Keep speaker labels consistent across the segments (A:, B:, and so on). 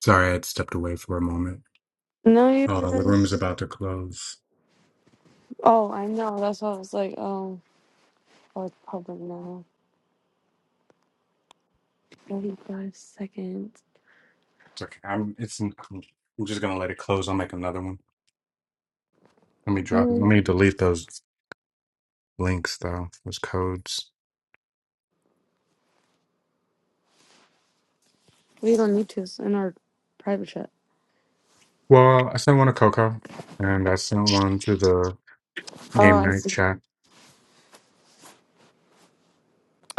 A: Sorry, I had stepped away for a moment.
B: No, you
A: Uh, the
B: didn't.
A: room is about to close.
B: Oh, I know. That's why I was like, oh, oh, it's public now. 45 seconds.
A: It's okay. I'm. It's. I'm just gonna let it close. I'll make another one. Let me drop. Let me
B: Mm,
A: delete those links though. Those codes.
B: We don't need to. It's in our private chat.
A: Well, I sent one to Coco, and I sent one to the
B: Oh,
A: game
B: I
A: night
B: see.
A: chat.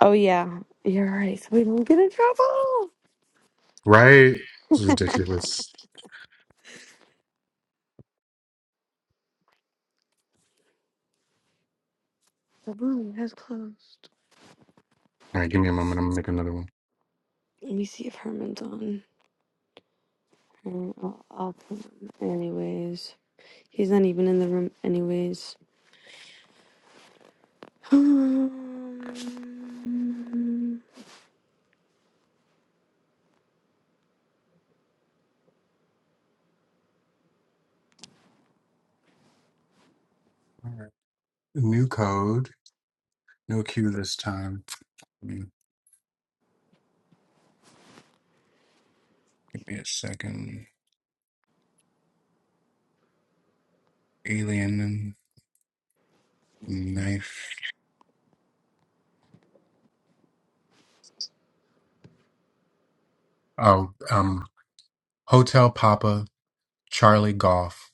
B: Oh, yeah. You're right. So we don't get in trouble.
A: Right? This is ridiculous.
B: The room has closed.
A: All right, give me a moment. I'm gonna make another one.
B: Let me see if Herman's on. Uh, I'll, I'll put him. Anyways, he's not even in the room, anyways.
A: All right. New code. No Q this time. Give me give me a second. Alien and knife. Oh, um, Hotel Papa, Charlie Golf,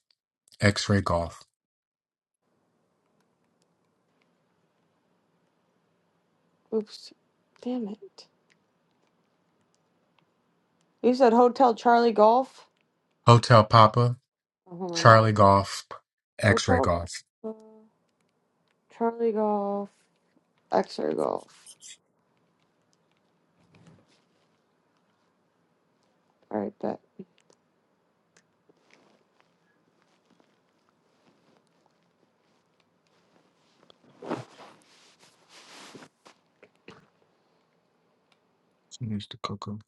A: X Ray Golf.
B: Oops. Damn it. You said Hotel Charlie Golf?
A: Hotel Papa,
B: Oh, hold on.
A: Charlie Golf, X Ray
B: Hotel
A: Golf.
B: Papa, Charlie Golf, Xer Golf. Alright, bet.
A: Needs to cocoa.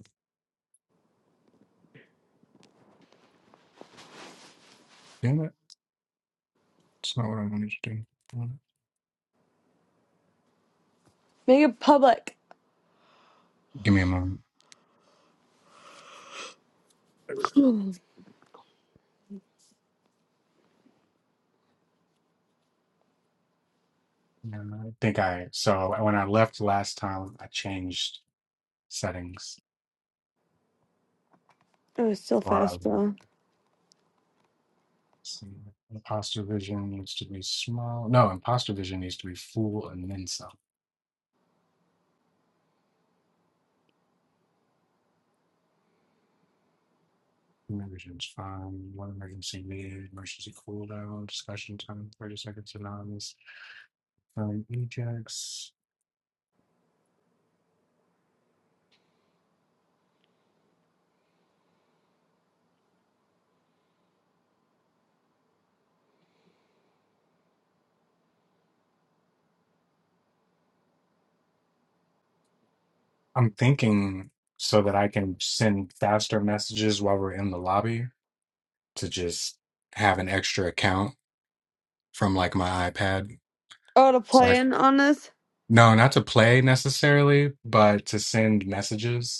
A: Damn it. It's not what I wanted to do.
B: Make it public.
A: Give me a moment.
B: oh,
A: And I think I, so when I left last time, I changed settings.
B: it's still
A: Wow.
B: fast, bro.
A: see. Imposter vision needs to be small. No, imposter vision needs to be full and then some. Human vision is fine. One emergency meeting, emergency cooldown, discussion time, 30 seconds anonymous. Um, Ajax. I'm thinking so that I can send faster messages while we're in the lobby to just have an extra account from like my iPad.
B: Oh, to
A: So I,
B: play in on this?
A: no, not to play necessarily, but to send messages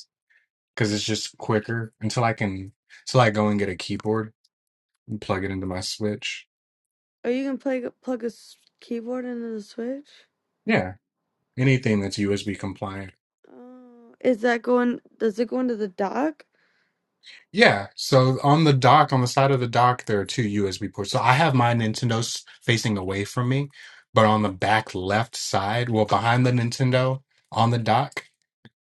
A: because it's just quicker until I can until I go and get a keyboard and plug it into my Switch.
B: Oh, you can play, plug a s- keyboard into the Switch?
A: Yeah, anything that's USB compliant.
B: Oh, is that going, does it go into the dock?
A: Yeah, so on the dock, on the side of the dock, there are two USB ports. So I have my Nintendo's facing away from me, but on the back left side, well, behind the Nintendo on the dock,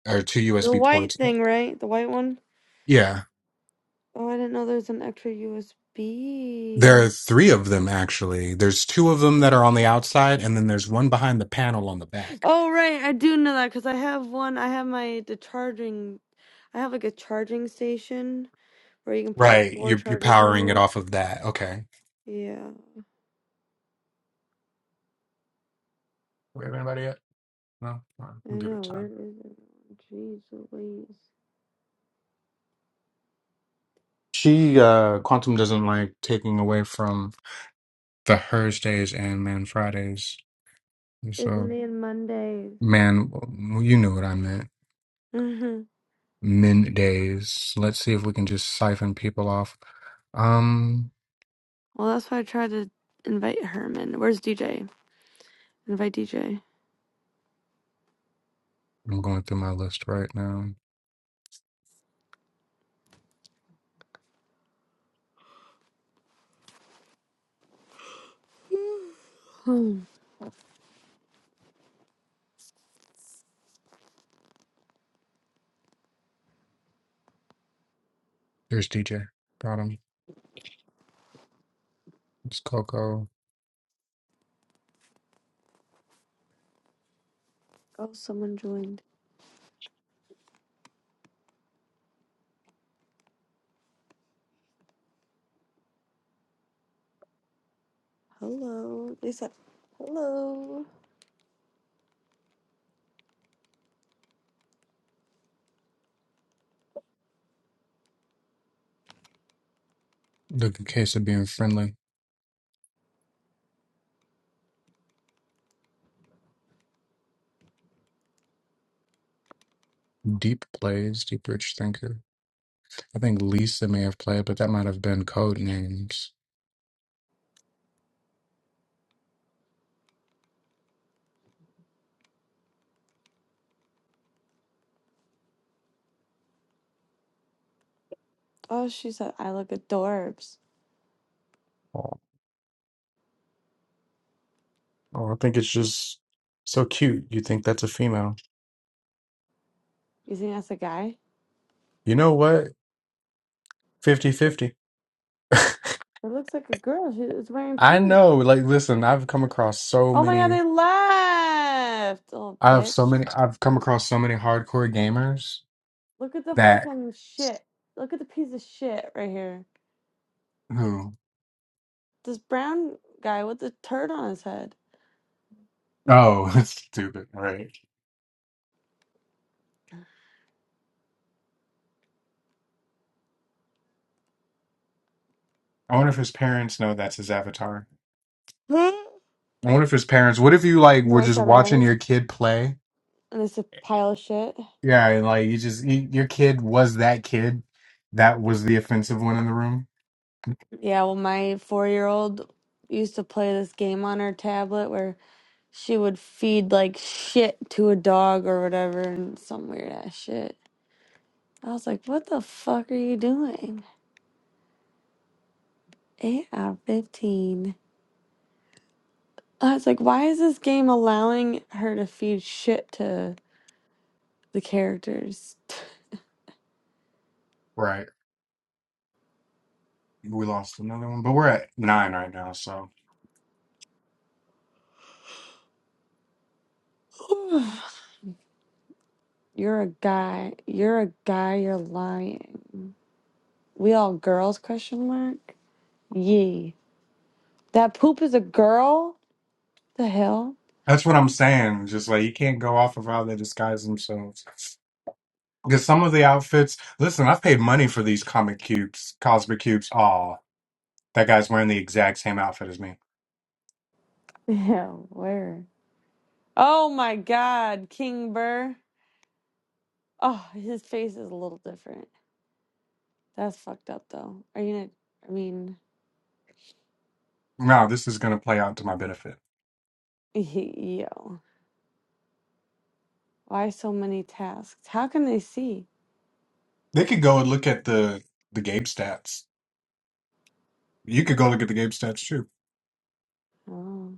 A: are two
B: The
A: USB
B: white
A: ports.
B: thing, right? The white one?
A: Yeah,
B: Oh, I didn't know there's an extra
A: there are
B: USB.
A: three of them actually. There's two of them that are on the outside, and then there's one behind the panel on the back.
B: Oh, right. I do know that because I have one. I have my, the charging, I have like a charging station. Or you can put like
A: Right,
B: four
A: you're, you're
B: chargers
A: powering it
B: on
A: off of that. Okay.
B: it. Yeah,
A: We have anybody yet? No, All right,
B: I
A: we'll give
B: know.
A: it
B: Where
A: time.
B: is it? Jeez Louise.
A: She uh Quantum doesn't like taking away from the Thursdays and Man Fridays. And
B: It's
A: So
B: me on Mondays.
A: man, well, you knew what I meant.
B: hmm
A: Men days. Let's see if we can just siphon people off. Um,
B: Well, that's why I tried to invite Herman. Where's DJ? Invite DJ.
A: I'm going through my list right now.
B: Hmm.
A: There's DJ. Got him. It's Coco.
B: oh, someone joined. Hello. They said, hello.
A: The case of being friendly. Deep plays. Deep Rich Thinker. I think Lisa may have played, but that might have been code names.
B: Oh, she said, I look adorbs.
A: Oh, I think it's just so cute. You think that's a female.
B: You think that's a guy?
A: You know what? Fifty-fifty.
B: It looks like a girl. She is wearing
A: I
B: pink.
A: know. Like, listen, I've come across so
B: Oh my god,
A: many.
B: they left! Oh,
A: I have so
B: bitch.
A: many. I've come across so many hardcore gamers
B: Look at the
A: that
B: fucking shit. Look at the piece of shit right here.
A: who.
B: This brown guy with the turd on his head.
A: Oh, that's stupid. Right. I wonder if his parents know that's his avatar.
B: Huh?
A: I wonder if his parents. What if you, like,
B: You know
A: were
B: what I
A: just
B: said about
A: watching
B: it?
A: your kid play?
B: And it's a pile of shit.
A: Yeah, and, like, you just. You, your kid was that kid. That was the offensive one in the room.
B: Yeah, well, my four year old used to play this game on her tablet where she would feed like shit to a dog or whatever and some weird ass shit. I was like, what the fuck are you doing? 8 out of 15. I was like, why is this game allowing her to feed shit to the characters?
A: right? we lost another one, but we're at nine right now. So
B: You're a guy. You're a guy. You're lying. We all girls? Question mark. Yee. That poop is a girl. The hell?
A: that's what I'm saying. Just like you can't go off of how they disguise themselves. Because some of the outfits, listen, I've paid money for these comic cubes, cosmic cubes. Aw, that guy's wearing the exact same outfit as me.
B: Yeah. Where? Oh my God, King Burr. Oh, his face is a little different. That's fucked up though. Are you? Not, I mean,
A: No, this is going to play out to my benefit.
B: yo. Why so many tasks? How can they see?
A: They could go and look at the the game stats. You could go look at the game stats too.
B: Oh,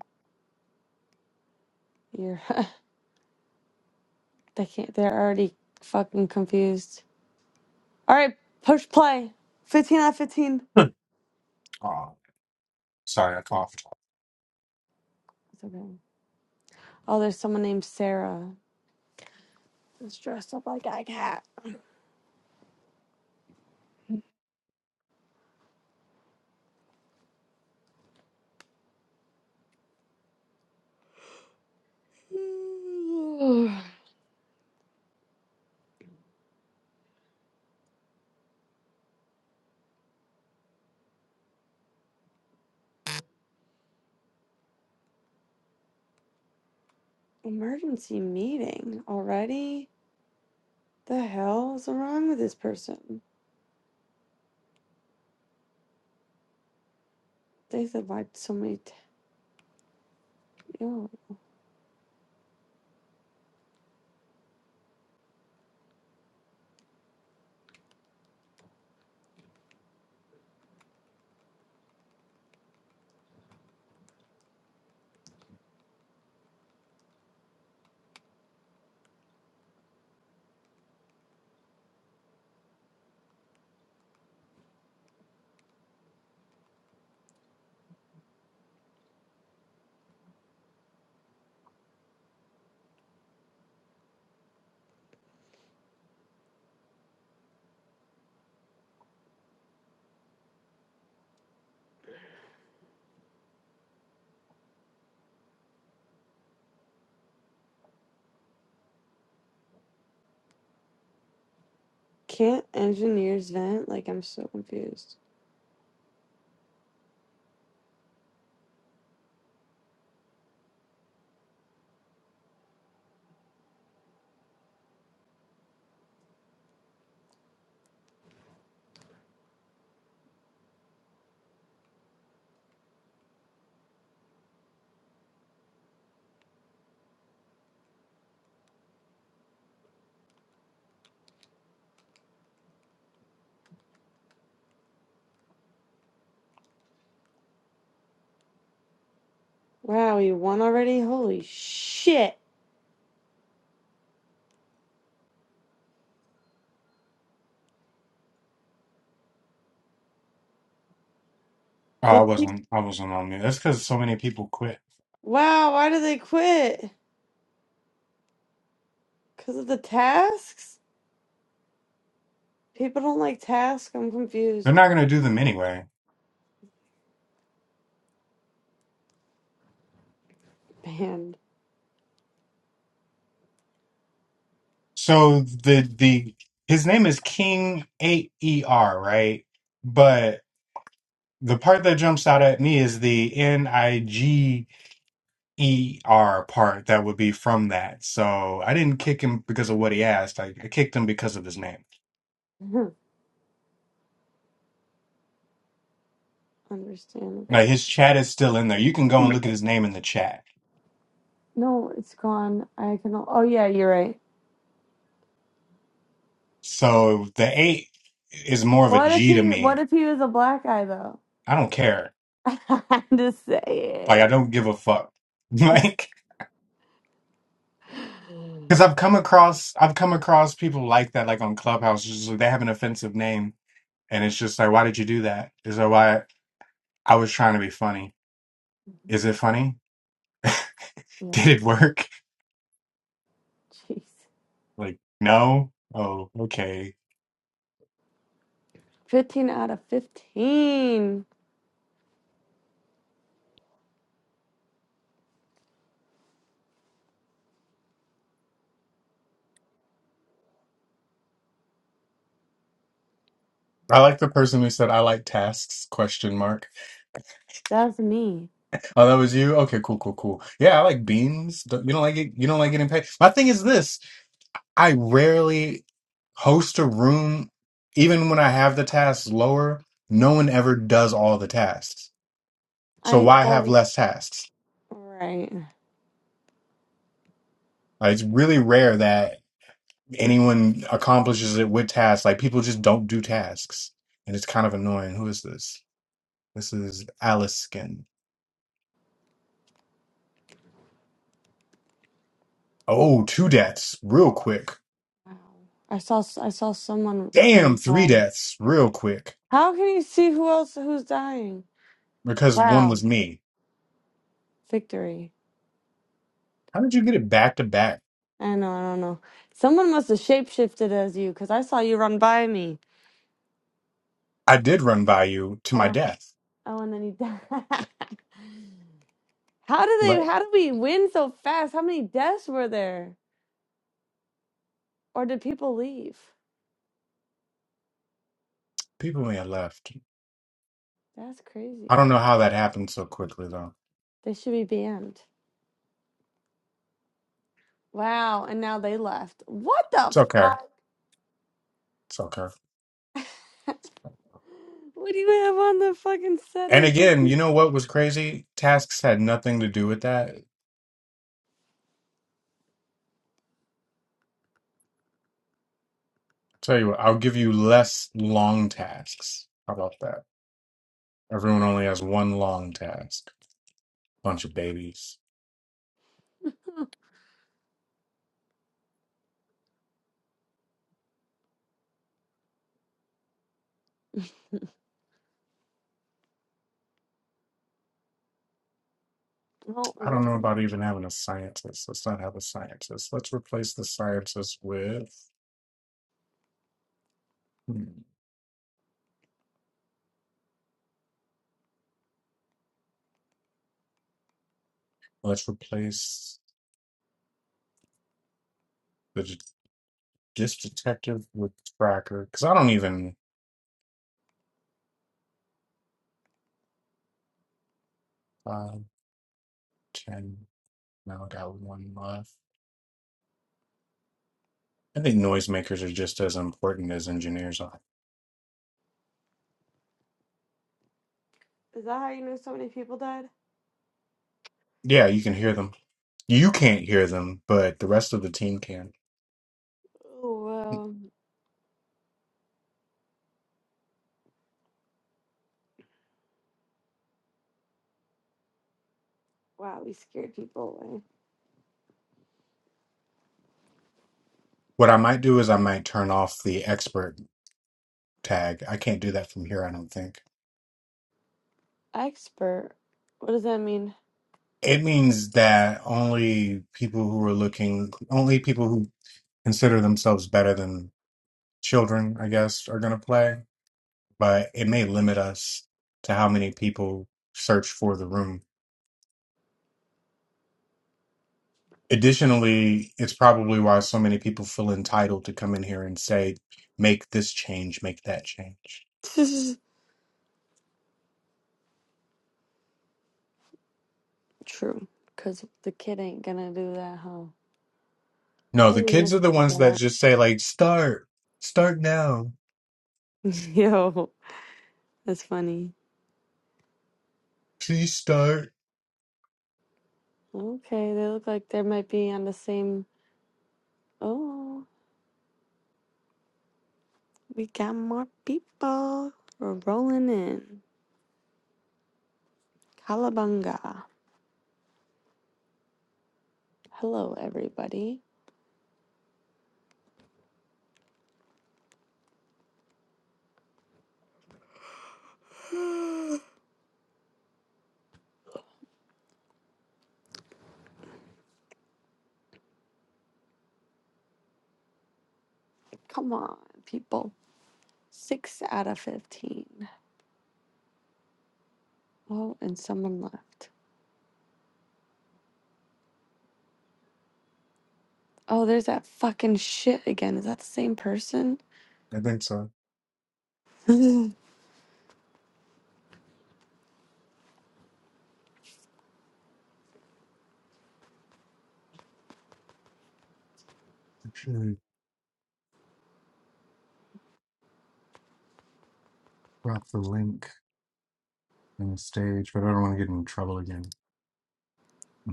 B: you're. they can't. They're already fucking confused. All right, push play. Fifteen out of fifteen.
A: Aw, sorry, I coughed.
B: It's okay. Oh, there's someone named Sarah that's dressed up like a cat. Emergency meeting already? The hell is wrong with this person? They said like so many. T- Yo, can't engineers vent? Like I'm so confused. Wow, you won already? Holy shit!
A: Oh, I
B: Did
A: wasn't. I wasn't on you. That's because so many people quit.
B: wow, why did they quit? Cause of the tasks? People don't like tasks. I'm
A: They're
B: confused.
A: not going to do them anyway.
B: Banned.
A: So the the his name is King A E R, right? But the part that jumps out at me is the N I G E R part that would be from that. So I didn't kick him because of what he asked. I, I kicked him because of his name. Like
B: Understandable.
A: his chat is still in there. You can go and look at his name in the chat.
B: No, it's gone. I can. Oh yeah, you're right.
A: So the eight is more of a
B: What if
A: G to
B: he? What
A: me.
B: if he was a black guy though?
A: I don't care.
B: I'm just
A: Like I
B: saying.
A: don't give a fuck. Like.
B: Mm.
A: Because I've come across I've come across people like that, like on Clubhouse. it's just like they have an offensive name, and it's just like, why did you do that? Is that why I was trying to be funny? Is it funny?
B: Yeah,
A: Did
B: right.
A: it work?
B: Jeez,
A: Like no. Oh, okay.
B: fifteen out of fifteen.
A: I like the person who said I like tasks question mark.
B: That's me.
A: Oh, that was you. Okay, cool, cool, cool. Yeah, I like beans. Don't- You don't like it. You don't like getting paid. My thing is this: I rarely host a room, even when I have the tasks lower. No one ever does all the tasks So
B: I
A: why have
B: well,
A: less tasks?
B: right.
A: Uh, it's really rare that anyone accomplishes it with tasks. Like people just don't do tasks, and it's kind of annoying. Who is this? This is Alice Skin. Oh, two deaths real quick.
B: Wow. I saw. s- I saw someone.
A: Damn, three
B: Wow.
A: deaths real quick
B: How can you see who else who's dying?
A: because one
B: Wow,
A: was me.
B: victory.
A: How did you get it back to back?
B: I know. I don't know. Someone must have shapeshifted as you because I saw you run by me.
A: I did run by you to my
B: Oh,
A: death.
B: Oh, and then he died. How do they?
A: Right.
B: How do we win so fast? How many deaths were there, or did people leave?
A: People may have left.
B: That's
A: I
B: crazy.
A: don't know how that happened so quickly though.
B: They should be banned. Wow, and now they left. What the
A: It's okay.
B: fuck?
A: It's okay.
B: what do you have on the fucking
A: And
B: settings?
A: again, you know what was crazy? Tasks had nothing to do with that. Tell you what, I'll give you less long tasks. How about that? Everyone only has one long task. Bunch of babies.
B: Well, at
A: I don't
B: least
A: know
B: I-
A: about even having a scientist. Let's not have a scientist. Let's replace the scientist with. hmm, Let's replace the det- this detective with tracker. Because I don't even. Five, ten. Now I got one left. I think noisemakers are just as important as engineers are.
B: is that how you know so many people died?
A: Yeah, you can hear them. You can't hear them, but the rest of the team can.
B: Oh wow! Wow, we scared people away.
A: What I might do is I might turn off the expert tag. I can't do that from here, I don't think.
B: Expert. What does that mean?
A: It means that only people who are looking, only people who consider themselves better than children, I guess, are going to play. But it may limit us to how many people search for the room. Additionally, it's probably why so many people feel entitled to come in here and say, make this change, make that change.
B: True, because the kid ain't gonna do that, huh?
A: No,
B: Hey,
A: the kids
B: Mr.
A: are the ones that
B: Zap.
A: just say, like, start, start now,
B: Yo, that's funny.
A: please start.
B: Okay, they look like they might be on the same. Oh, we got more people. We're rolling in. Kalabunga. Hello, everybody. Come on, people. Six out of 15. Oh, and someone left. Oh, there's that fucking shit again. Is that the same person?
A: I think so.
B: Eight
A: Actually, drop the link in the stage, but I don't want to get in trouble again.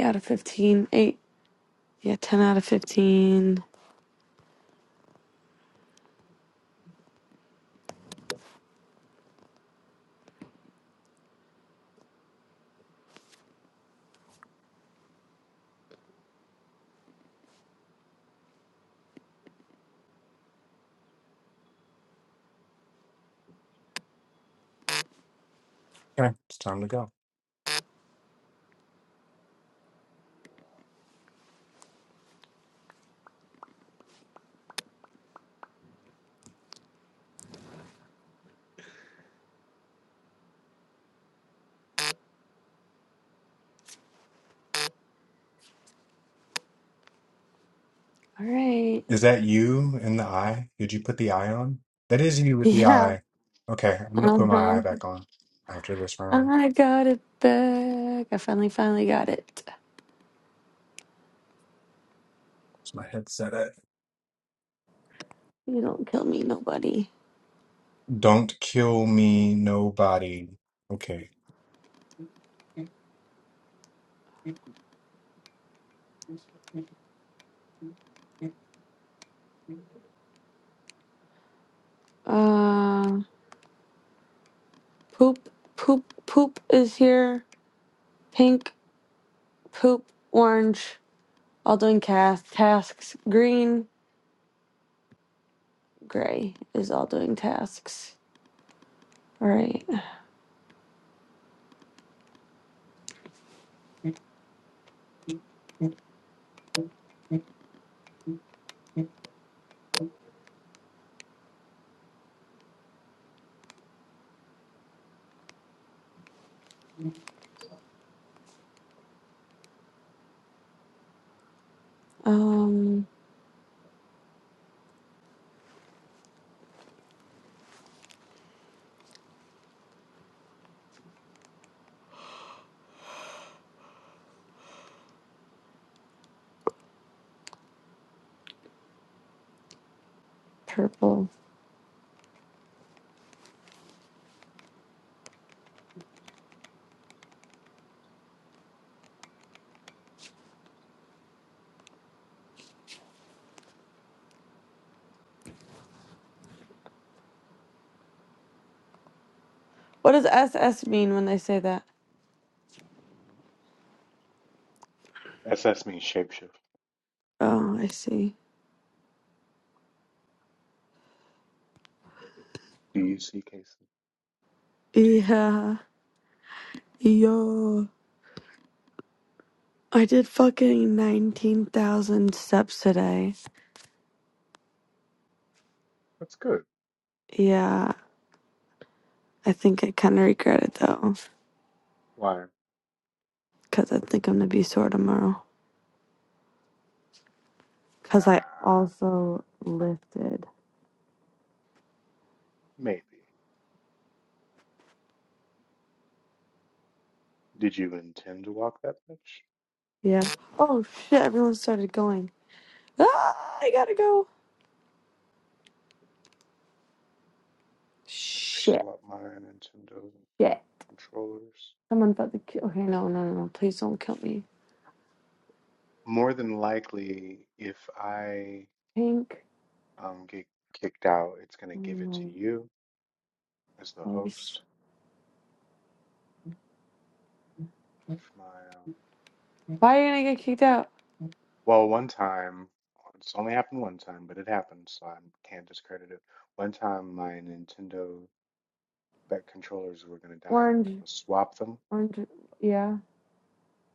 B: out of 15. Eight. Yeah, 10 out of 15.
A: Okay, it's time to go.
B: All right.
A: Is that you in the eye? Did you put the eye on? That is you with the
B: Yeah.
A: eye. Okay, I'm gonna
B: Uh
A: put my
B: huh.
A: eye back on after this round.
B: I got it back. I finally, finally got it.
A: Is my headset at?
B: You don't kill me, nobody.
A: Don't kill me, nobody. Okay.
B: Uh, poop, poop, poop is here. Pink, poop, orange, all doing cast tasks. Green, gray is all doing tasks. All right. Um, purple. What does SS mean when they say that?
A: S S means shapeshift.
B: Oh, I see.
A: Do you see cases? Do you?
B: Yeah, yo. I did fucking 19,000 steps today.
A: That's good.
B: Yeah. I think I kind of regret it though,
A: Why?
B: because I think I'm gonna be sore tomorrow.
A: Nah,
B: Because I also lifted.
A: maybe. Did you intend to walk that much?
B: Yeah. Oh shit! Everyone started going. Ah! I gotta go.
A: I gotta
B: Shit!
A: swap my Nintendo
B: Shit!
A: controllers.
B: Someone about to kill. Okay, no, no, no! no, Please don't kill me.
A: More than likely, if I
B: Pink.
A: um, get kicked out, it's gonna
B: Oh,
A: give it to
B: no.
A: you as the
B: Ice.
A: host. If my um,
B: Why are you gonna get kicked out?
A: well, one time, it's only happened one time, but it happened, so I can't discredit it. One time, my Nintendo that controllers were going to die and I went to
B: Orange.
A: go swap them,
B: Orange. Yeah.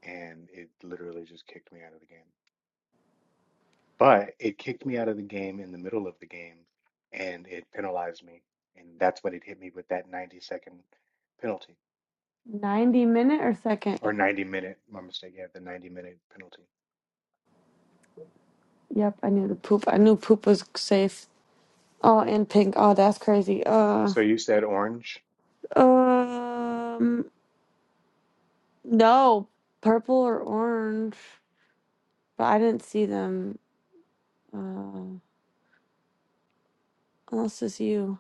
A: and it literally just kicked me out of the game. But it kicked me out of the game in the middle of the game, and it penalized me, and that's when it hit me with that 90 second penalty
B: Ninety minute or second?
A: or 90 minute. My mistake, yeah, the 90 minute penalty.
B: Yep. I knew the poop. I knew poop was safe. Oh, and pink. Oh, that's crazy. Uh.
A: So you said orange?
B: Um. No, purple or orange, but I didn't see them. Uh, unless it's you.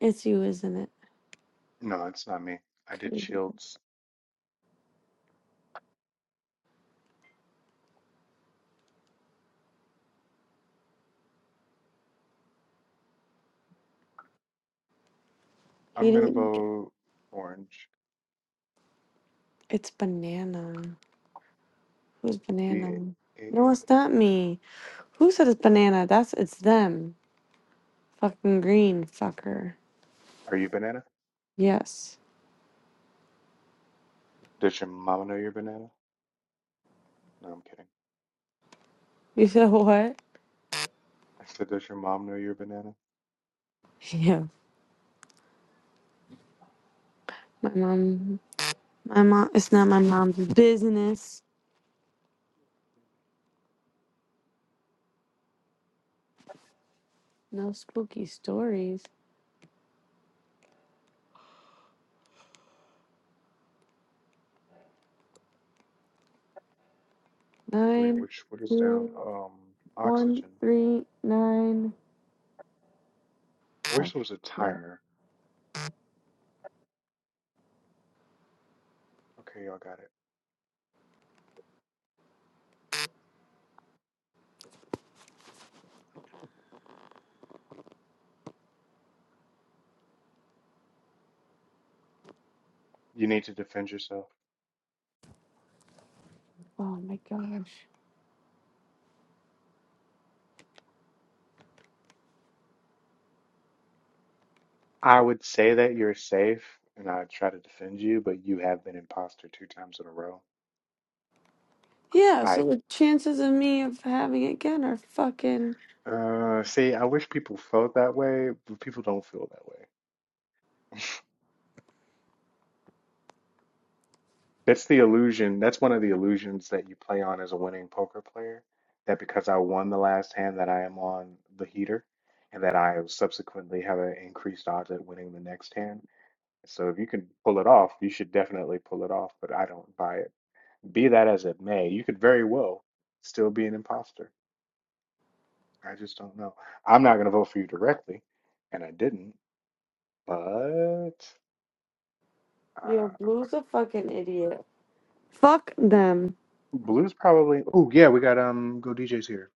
B: It's you, isn't it?
A: No, it's not me. I did
B: Okay.
A: Shields.
B: He
A: I'm gonna
B: didn't.
A: vote orange.
B: It's banana. Who's
A: B
B: banana?
A: A N.
B: No, it's not me. Who said it's banana? That's it's them. Fucking green fucker.
A: Are you banana?
B: Yes.
A: Does your mama know you're banana? No, I'm kidding.
B: You said what?
A: I said, does your mom know you're banana?
B: Yeah. My mom. My mom. It's not my mom's business. No spooky stories.
A: Wait,
B: Nine,
A: which what is
B: two,
A: down? Um,
B: one,
A: oxygen.
B: three, nine.
A: I wish
B: Oh,
A: there was a
B: shit.
A: timer. Okay, y'all got it. You need to defend yourself.
B: Oh, my gosh.
A: I would say that you're safe, and I try to defend you, but you have been imposter two times in a row.
B: Yeah, so
A: I
B: the chances of me of having it again are fucking.
A: uh see. I wish people felt that way, but people don't feel that way. That's the illusion. That's one of the illusions that you play on as a winning poker player. That because I won the last hand, that I am on the heater, and that I subsequently have an increased odds at winning the next hand. So if you can pull it off, you should definitely pull it off, but I don't buy it. Be that as it may, you could very well still be an imposter. I just don't know. I'm not going to vote for you directly, and I didn't, but
B: Yo,
A: uh,
B: Blue's a fucking idiot. Fuck them.
A: Blue's probably. Oh, yeah, we got um Go DJ's here.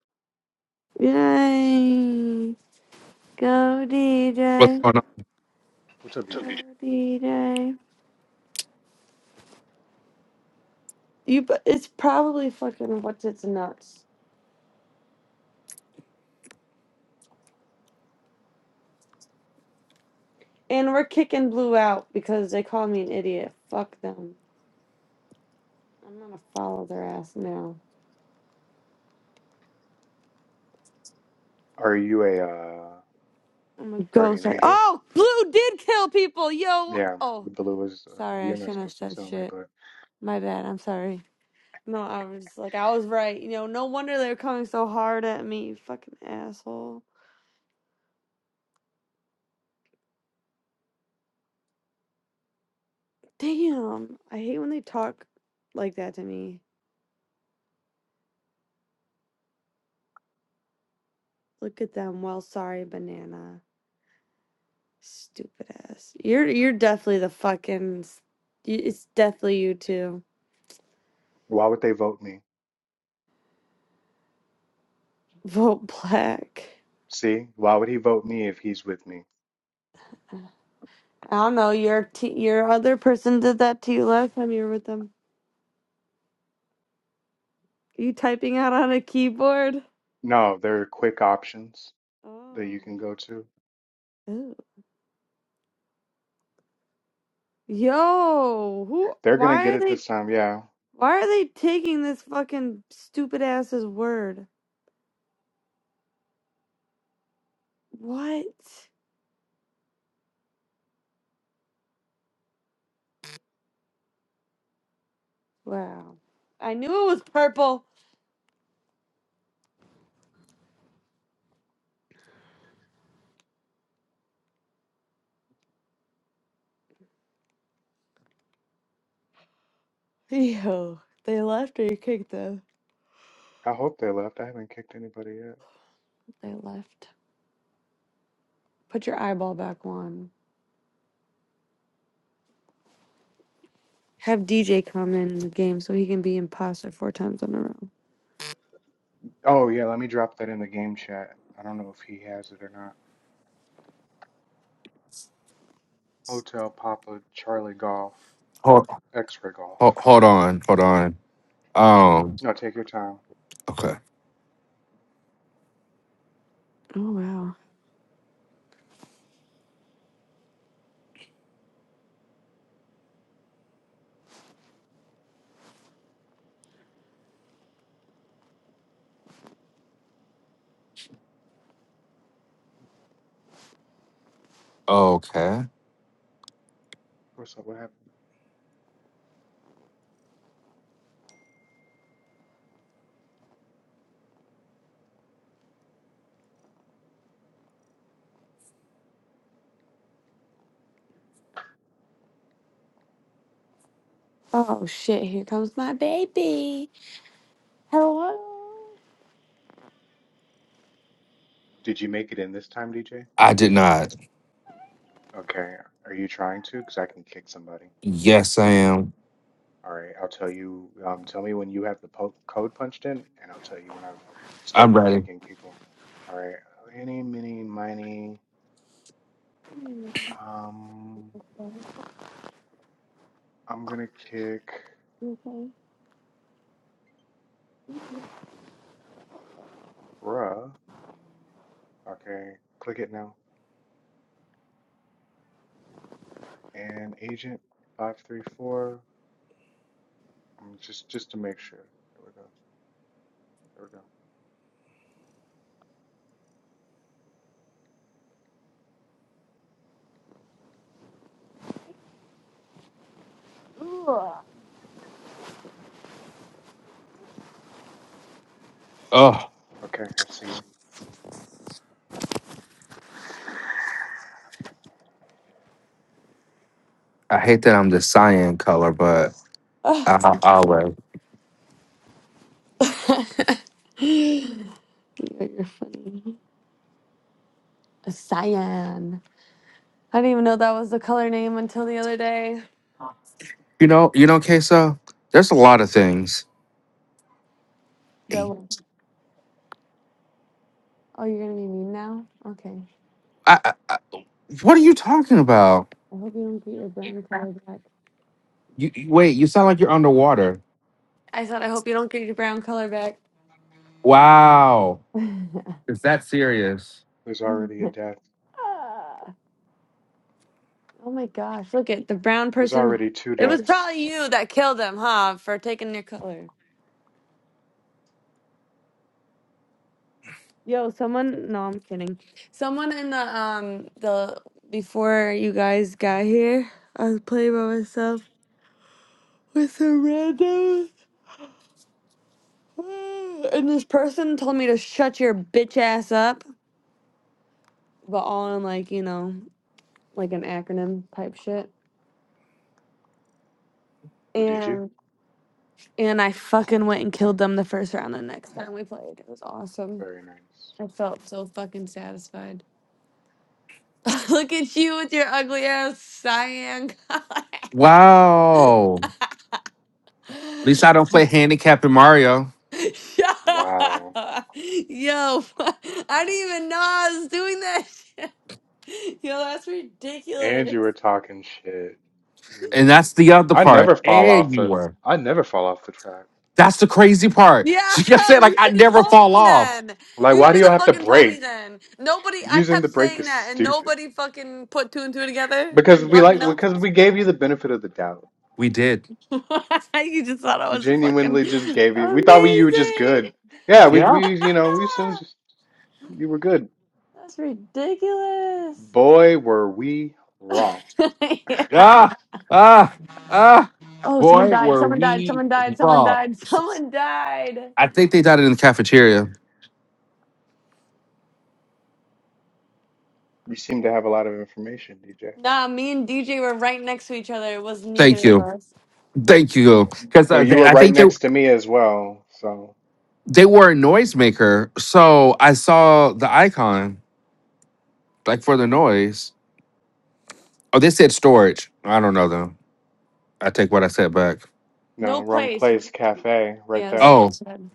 B: Yay. Go
C: What's
B: DJ.
C: going on?
A: What's up,
B: Go
A: DJ?
B: DJ. You, bu- it's probably fucking what's its nuts. And we're kicking Blue out because they call me an idiot. Fuck them. I'm gonna follow their ass now.
A: Are you a uh,
B: I'm gonna go
A: guardian
B: say,
A: angel?
B: oh, Blue did kill people. Yo.
A: Yeah,
B: Oh,
A: Blue is. Uh,
B: sorry. I
A: you're not
B: shouldn't have
A: supposed to
B: said
A: tell me,
B: shit.
A: but
B: My bad. I'm sorry. No, I was like, I was right. You know, no wonder they're coming so hard at me. Fucking asshole. Damn. I hate when they talk like that to me. Look at them. Well, sorry, banana. Stupid ass. You're you're definitely the fucking. s- y- It's definitely you too.
A: why would they vote me?
B: Vote black.
A: See, why would he vote me if he's with me?
B: I don't know. Your t- your other person did that to you last time you were with them. you typing out on a keyboard?
A: No, there are quick options that
B: Oh.
A: you can go to.
B: Ew. Yo, who?
A: They're gonna
B: Why
A: get
B: are
A: it
B: they?
A: this time, yeah.
B: Why are they taking this fucking stupid ass's word? What? Wow. I knew it was purple. Yo, they left or you kicked them?
A: I hope they left. I haven't kicked anybody yet.
B: They left. Put your eyeball back on. Have DJ come in the game so he can be imposter four times in a row.
A: Oh yeah, let me drop that in the game chat. I don't know if he has it or not. Hotel Papa Charlie Golf,
C: Hold,
A: X-ray Golf.
C: hold, hold on, hold on. Um,
A: No, take your time.
C: okay,
B: Oh wow.
C: okay.
A: What's up? What happened?
B: Oh shit! Here comes my baby. Hello.
A: Did you make it in this time, DJ?
C: I did not.
A: Okay. Are you trying to? Because I can kick somebody.
C: Yes, I am.
A: All right. I'll tell you. Um, tell me when you have the po code punched in, and I'll tell you when I've
C: I'm
A: started
C: ready.
A: kicking people. All right. Any, mini, miny.
B: You
A: Um, I'm gonna kick.
B: okay?
A: Bruh. Okay, click it now. And agent 534. um, Just just to make sure. There we go. There we go.
C: Oh,
A: Okay, I see you.
C: I hate that I'm the cyan color, but I, I, I'll wait.
B: You're, you're funny. A Cyan. I didn't even know that was the color name until the other day.
C: You know, you know, Queso. There's a lot of things.
B: That
C: Hey,
B: one. Oh, you're gonna be mean now? Okay.
C: I, I, I, what are you talking about?
B: I hope you don't get your brown color back.
C: You you- wait. You sound like you're underwater.
B: I said I hope you don't get your brown color back.
C: Wow. Is that serious?
A: There's already a
B: Ah.
A: death.
B: oh my gosh! Look at the brown
A: There's
B: person.
A: already two
B: It was
A: deaths.
B: probably you that killed him, huh? For taking your color. Yo, someone. No, I'm kidding. Someone in the um the before you guys got here, I was playing by myself with some random. And this person told me to shut your bitch ass up, but all in like, you know, like an acronym type shit.
A: Who did you?
B: And and I fucking went and killed them the first round the next time we played. It was awesome.
A: Very nice.
B: I felt so fucking satisfied. Look at you with your ugly ass cyan color.
C: Wow. At least I don't play handicap in Mario.
B: Shut
A: Wow.
B: up. Yo, I didn't even know I was doing that shit. Yo, that's
A: And
B: ridiculous.
A: you were talking shit. Ooh.
C: And that's the other
A: I
C: part.
A: never fall
C: And
A: off
C: you
A: the
C: were.
A: I never fall off the track.
C: That's the crazy part.
B: Yeah,
C: She kept saying, like,
B: you
C: I
B: should have
C: never
B: told
C: fall
B: me
C: off.
B: then.
A: Like,
B: You
A: why do
B: should
A: you
B: have
A: have to
B: fucking told me
A: break?
B: then. Nobody, I
A: Using
B: kept
A: the break
B: saying
A: is
B: that, and
A: stupid.
B: nobody fucking put two and two together
A: Because
B: and
A: we
B: let me
A: like
B: know.
A: because we gave you the benefit of the doubt.
C: We did.
B: you just thought I
A: We
B: was fucking
A: genuinely just gave you. We thought we, you were just
B: amazing.
A: good. Yeah, we
C: Yeah.
A: we you know we assumed just you were good.
B: That's ridiculous.
A: Boy, were we wrong.
B: Yeah.
C: Ah, ah, ah.
B: Oh, someone
C: Boy,
B: died.
C: were
B: Someone died.
C: we
B: Someone died. Someone
C: wrong.
B: died. Someone died.
C: I think they done it in the cafeteria.
A: You seem to have a lot of information, DJ.
B: Nah, me and DJ were right next to each other. It was
C: Thank
B: neither of
C: you.
B: us.
C: Thank you. Because
A: But
C: uh,
A: you
C: they-
A: were
C: I
A: right
C: think they,
A: next to me as well. So
C: they were a noisemaker. So I saw the icon, like, for the noise. Oh, they said storage. I don't know, though. I take what I said back.
A: no,
B: No
A: wrong
B: place.
A: place, cafe, right
B: Yeah, that's what
A: there.
B: we
C: Oh,
B: said.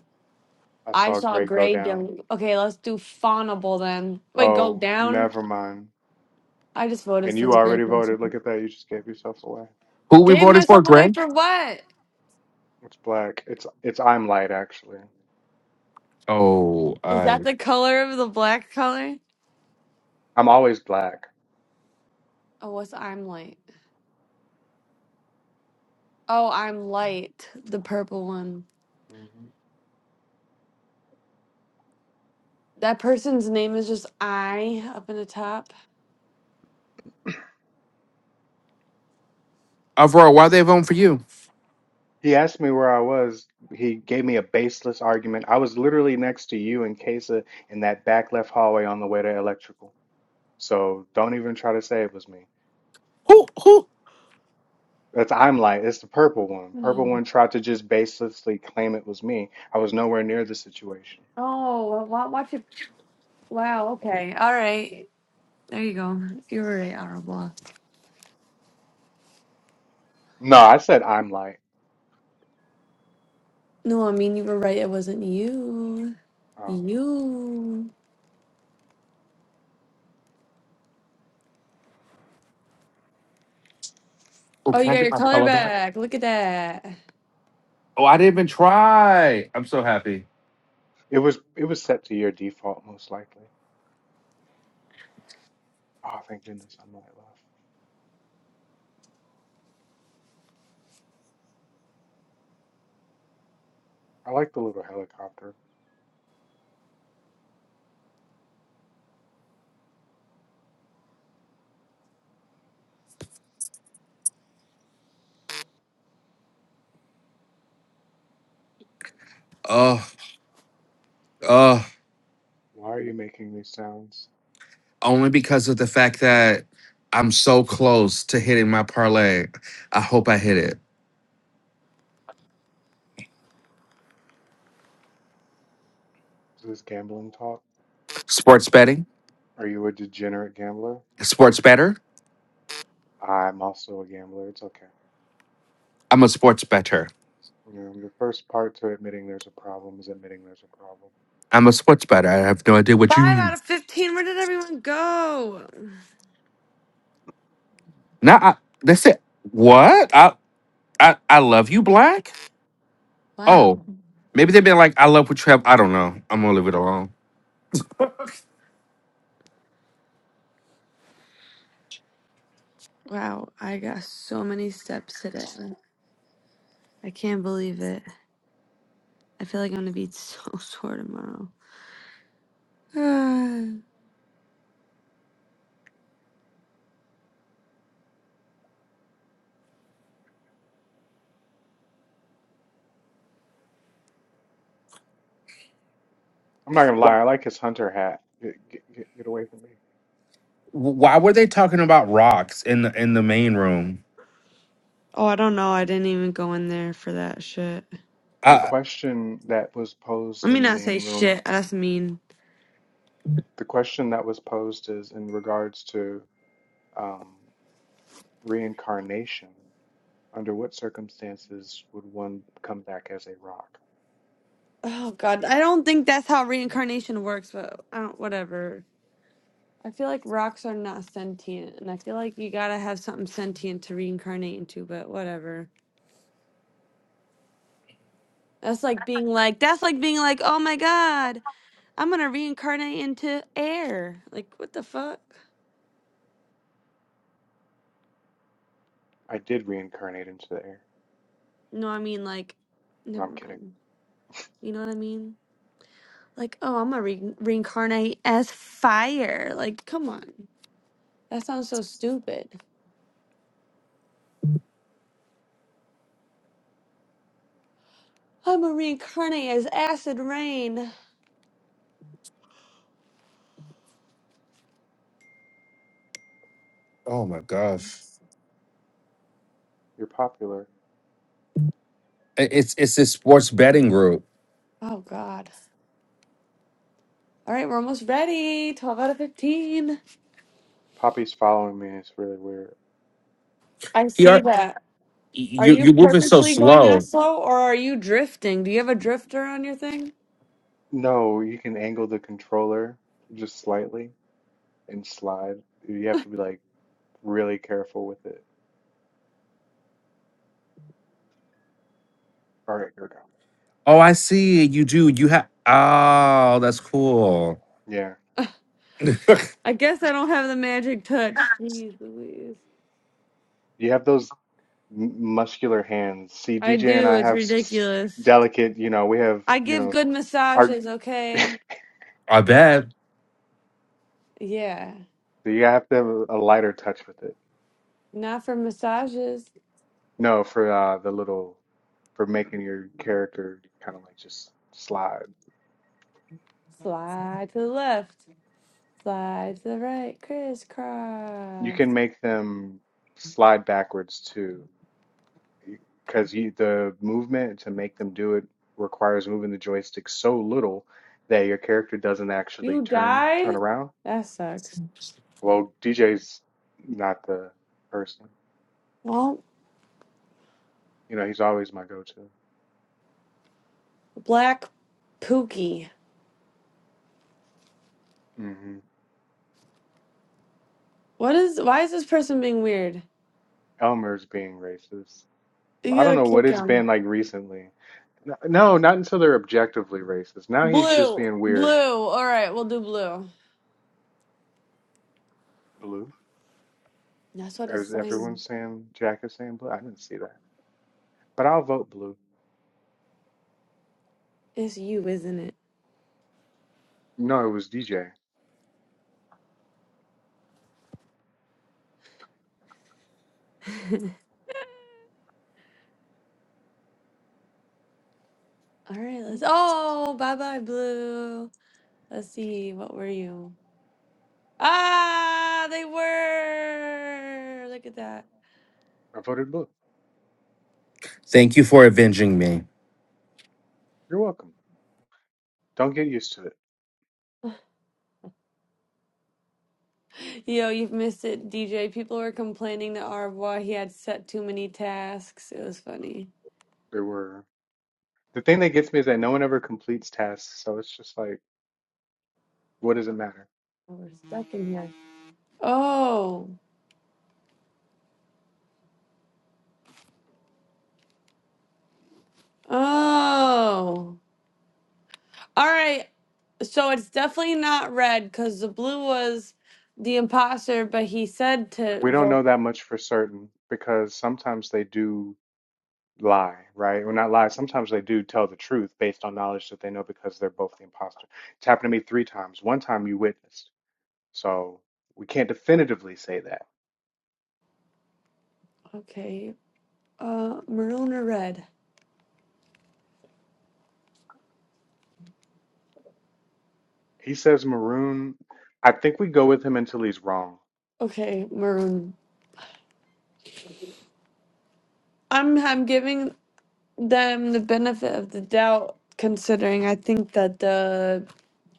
A: I
B: I
A: saw
B: saw
A: Greg go
B: Grey
A: down.
B: Dome. Okay, let's do Fawnable then. Wait, go
A: Oh,
B: down.
A: never mind.
B: I just voted
A: And
B: for
A: you
B: the Grey
A: already
B: person.
A: voted. Look at that. You just gave yourself away.
C: who we
B: Gave
C: voted for,
B: myself away
C: Greg?
B: for what?
A: It's black. It's it's I'm light actually.
C: Oh,
B: Is
C: I
B: that the color of the black color?
A: I'm always black.
B: Oh, what's I'm light? Oh, I'm light, the purple one.
A: Mm-hmm.
B: That person's name is just I up in the top.
C: overall, why they voting for you?
A: He asked me where I was. He gave me a baseless argument. I was literally next to you and Kesa in that back left hallway on the way to electrical. So don't even try to say it was me.
C: Who? Who?
A: That's I'm light. it's the purple one. Purple
B: Hmm.
A: one tried to just baselessly claim it was me. I was nowhere near the situation.
B: Oh, wa- watch it. Wow. Okay. All right. There you go. You were right, Arabella.
A: No, I said I'm light.
B: No, I mean you were right. It wasn't you.
A: Oh.
B: You.
C: Oh,
B: Oh,
C: can
B: you
C: I
B: got
C: get
B: your
C: my
B: color
C: pillow back?
B: back. Look at that.
C: Oh, I didn't even try. I'm so happy.
A: It was it was set to your default most likely. Oh, thank goodness I'm light left. I like the little helicopter.
C: Oh, oh,
A: Why are you making these sounds?
C: only because of the fact that I'm so close to hitting my parlay. I hope I hit it.
A: Is this gambling talk?
C: Sports betting?
A: Are you a degenerate gambler?
C: Sports better?
A: I'm also a gambler. It's okay.
C: I'm a sports better.
A: You know, the first part to admitting there's a problem is admitting there's a problem.
C: I'm a sports better. I have no idea what you
B: Five
C: mean.
B: out of 15. Where did everyone go?
C: Nah, I, that's it. What? I, I I love you, Black? Oh,
B: Wow.
C: maybe they've been like, I love what you have. I don't know. I'm gonna leave it alone.
B: Wow, I got so many steps today. I can't believe it. I feel like I'm gonna be so sore tomorrow. oh,
A: I'm not gonna lie,
C: Wh-
A: I like his hunter hat. Get, get, get get away from me.
C: Why were they talking about rocks in the in the main room?
B: I don't know. I didn't even go in there for that shit.
A: The question that was posed
B: Let me
A: in the
B: not
A: main
B: say
A: room,
B: shit. That's mean.
A: the question that was posed is in regards to um, reincarnation. Under what circumstances would one come back as a rock?
B: Oh god, I don't think that's how reincarnation works, but I don't. Whatever. I feel like rocks are not sentient, and I feel like you gotta have something sentient to reincarnate into. But whatever. That's like being like, that's like being like, oh my God, I'm gonna reincarnate into air. Like, what the fuck?
A: I did reincarnate into the air.
B: No, I mean, like,
A: No,
B: never
A: I'm kidding.
B: mind. You know what I mean? Like, oh, I'm gonna re- reincarnate as fire. Like, come on. That sounds so stupid. I'm gonna reincarnate as acid rain.
C: Oh my gosh.
A: You're popular.
C: I- It's it's this sports betting group.
B: Oh God. All right, we're almost ready. 12 out of 15.
A: Poppy's following me. It's really weird.
B: I
C: He
B: see
C: are
B: that. Are
C: you you're
B: you
C: moving so
B: purposely going that
C: slow.
B: slow or are you drifting? Do you have a drifter on your thing?
A: No, you can angle the controller just slightly and slide. You have to be like really careful with it. All right, here we go.
C: Oh, I see. You do. You have oh, that's cool.
A: Yeah.
B: I guess I don't have the magic touch. Jeez Louise.
A: You have those m muscular hands. See,
B: I
A: DJ and
B: do.
A: I
B: It's
A: have s
B: ridiculous.
A: delicate, you know, we have,
B: I
A: you
B: give
A: know,
B: good
A: our
B: massages,
A: so
B: okay?
C: I bet.
B: Yeah.
A: you have to have a lighter touch with it.
B: Not for massages.
A: No, for uh the little for making your character kind of like just slide.
B: Slide to the left. Slide to the right.
A: You
B: Crisscross.
A: can make them slide backwards too. because the movement to make them do it requires moving the joystick so little that your character doesn't actually
B: You
A: turn turn
B: died?
A: around.
B: That sucks.
A: Well, DJ's not the person.
B: Well,
A: You know, he's always my go-to.
B: black pookie.
A: hmm
B: What is why is this person being weird?
A: Elmer's being racist.
B: You
A: I don't
B: gotta
A: know what
B: kick
A: it's
B: him.
A: been like recently. N- No, not until they're objectively racist. Now he's just
B: Blue.
A: being weird.
B: Blue. Alright, we'll do blue.
A: Blue.
B: That's what
A: Or
B: it's
A: is everyone
B: saying.
A: saying Jack is saying blue? I didn't see that. But I'll vote blue.
B: It's you, isn't
A: No, it was DJ.
B: it? All right, let's. Oh, bye bye, Blue. Let's see. What were you? Ah, they were. Look at that.
A: I voted blue.
C: Thank you for avenging me.
A: You're welcome. Don't get used to it.
B: Yo, you've missed it, DJ. People were complaining to Arbois he had set too many tasks. It was funny.
A: There were the thing that gets me is that no one ever completes tasks, so it's just like, what does it matter?
B: Oh, We're stuck in here. Oh, oh. All right. So it's definitely not red because the blue was the imposter, but he said to
A: We don't know
B: vote.
A: that much for certain because sometimes they do lie, right? Or not lie. Sometimes they do tell the truth based on knowledge that they know because they're both the imposter. It's happened to me three times. One time you witnessed, so we can't definitively say that.
B: Okay. Uh, maroon or red?
A: He says maroon. I think we go with him until he's wrong.
B: Okay, maroon. I'm I'm giving them the benefit of the doubt, considering I think that the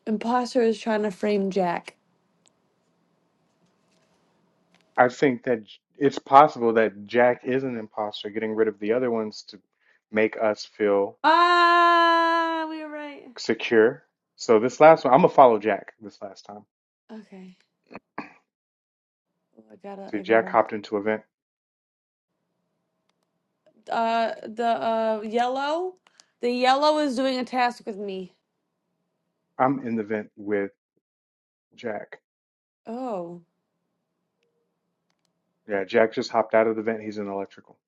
B: imposter is trying to frame Jack.
A: I think that j- it's possible that Jack is an imposter, getting rid of the other ones to make us feel
B: Ah, we were right.
A: secure. So this last one, I'm gonna follow Jack this last time.
B: Okay, Oh, I gotta,
A: See,
B: I
A: Jack
B: gotta.
A: hopped into a vent.
B: Uh, the uh yellow, the yellow is doing a task with me.
A: I'm in the vent with Jack.
B: Oh,
A: Yeah, Jack just hopped out of the vent. He's in electrical.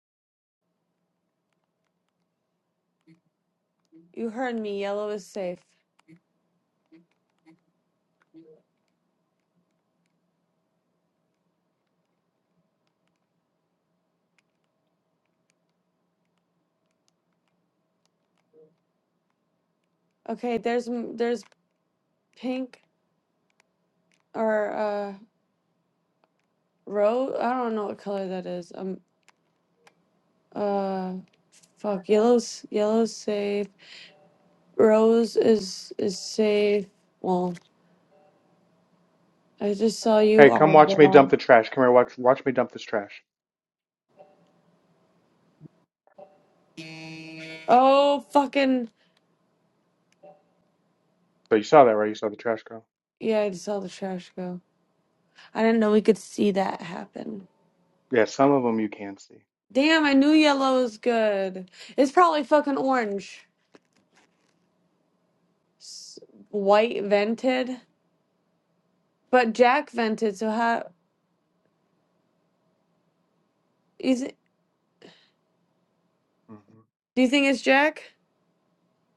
B: you heard me. Yellow is safe. Okay, there's m- there's pink or uh rose. I don't know what color that is. Um, uh. Fuck, yellow's yellow's safe. Rose is is safe. Well, I just saw you
A: Hey, come
B: on
A: watch me dump
B: the
A: the trash. Come here, watch watch me dump this trash.
B: Oh fucking
A: So you saw that, right? You saw the trash girl.
B: yeah, I just saw the trash go. I didn't know we could see that happen.
A: Yeah, some of them you can see.
B: Damn, I knew yellow was good. It's probably fucking orange. S- White vented. But Jack vented, so how is it
A: hmm
B: do you think it's Jack?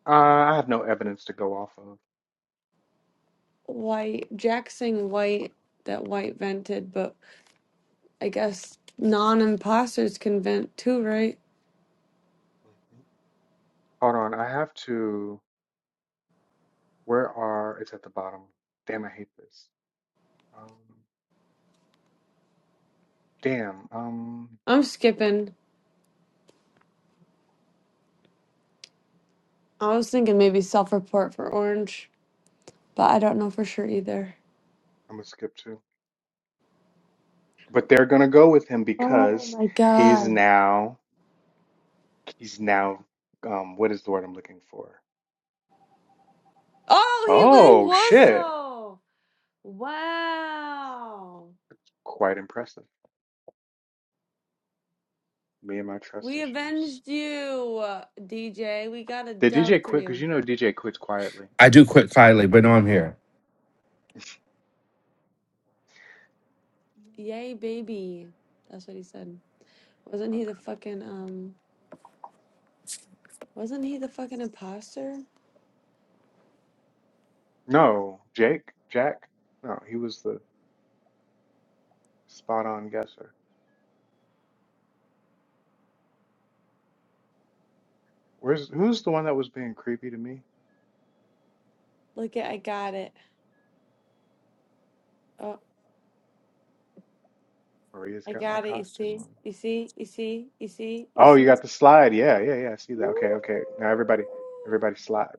A: Uh, I have no evidence to go off of.
B: White Jack saying white that white vented, but I guess non imposters can vent too, right?
A: Mhm. Hold on, I have to. Where are? It's at the bottom. Damn, I hate this. Um, damn. Um,
B: I'm skipping. I was thinking maybe self-report for Orange, but I don't know for sure either.
A: I'm gonna skip to. but they're going to go with him
B: Oh
A: because
B: my
A: he's
B: god.
A: now he's now um what is the word I'm looking for?
B: Oh, he wa- he
A: Oh
B: was
A: shit.
B: though. Wow.
A: Quite impressive. Me and my trust
B: We
A: issues.
B: avenged you, DJ. We got a
A: Did
B: dub
A: DJ
B: for
A: quit? Because
B: you.
A: you know DJ quits quietly.
C: I do quit quietly, but no, I'm here.
B: Yay, baby. That's what he said. Wasn't
A: Okay.
B: he the fucking um wasn't he the fucking imposter?
A: No, Jake, Jack. No, he was the spot on guesser. Where's who's the one that was being creepy to me?
B: Look at I got it. Oh,
A: Maria's
B: I
A: got my
B: got it. You
A: costume
B: see?
A: on.
B: You see? You see? You see? You
A: Oh, you
B: see?
A: got the slide. Yeah, yeah, yeah. I see that. Okay, okay. Now everybody,
B: Woo!
A: everybody slide.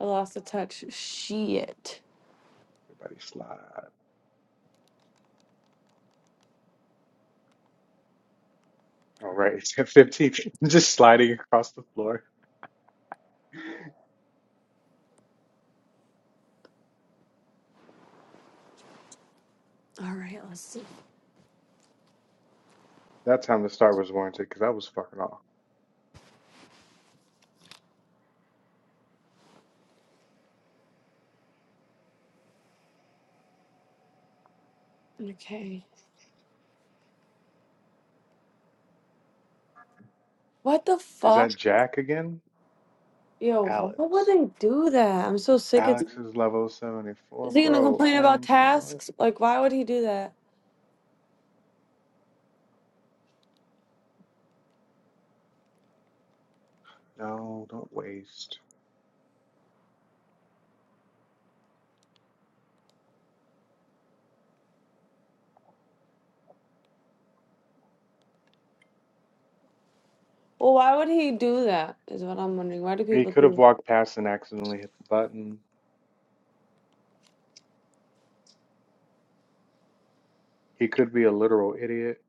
B: I lost the touch. Shit.
A: Everybody slide. All right, 15, just sliding across the floor.
B: All right, let's see.
A: That time the start was warranted because I was fucking off.
B: Okay. What the
A: Is
B: fuck?
A: that Jack again?
B: Yo, why would
A: Alex.
B: they do that? I'm so sick. It's
A: Alex is level 74,
B: is he gonna
A: bro.
B: complain about
A: OMG, what?
B: tasks? Like, why would he do that?
A: No, don't waste.
B: Well, why would he do that? Is what I'm wondering. Why do
A: He
B: people
A: could have
B: do?
A: walked past and accidentally hit the button. He could be a literal idiot.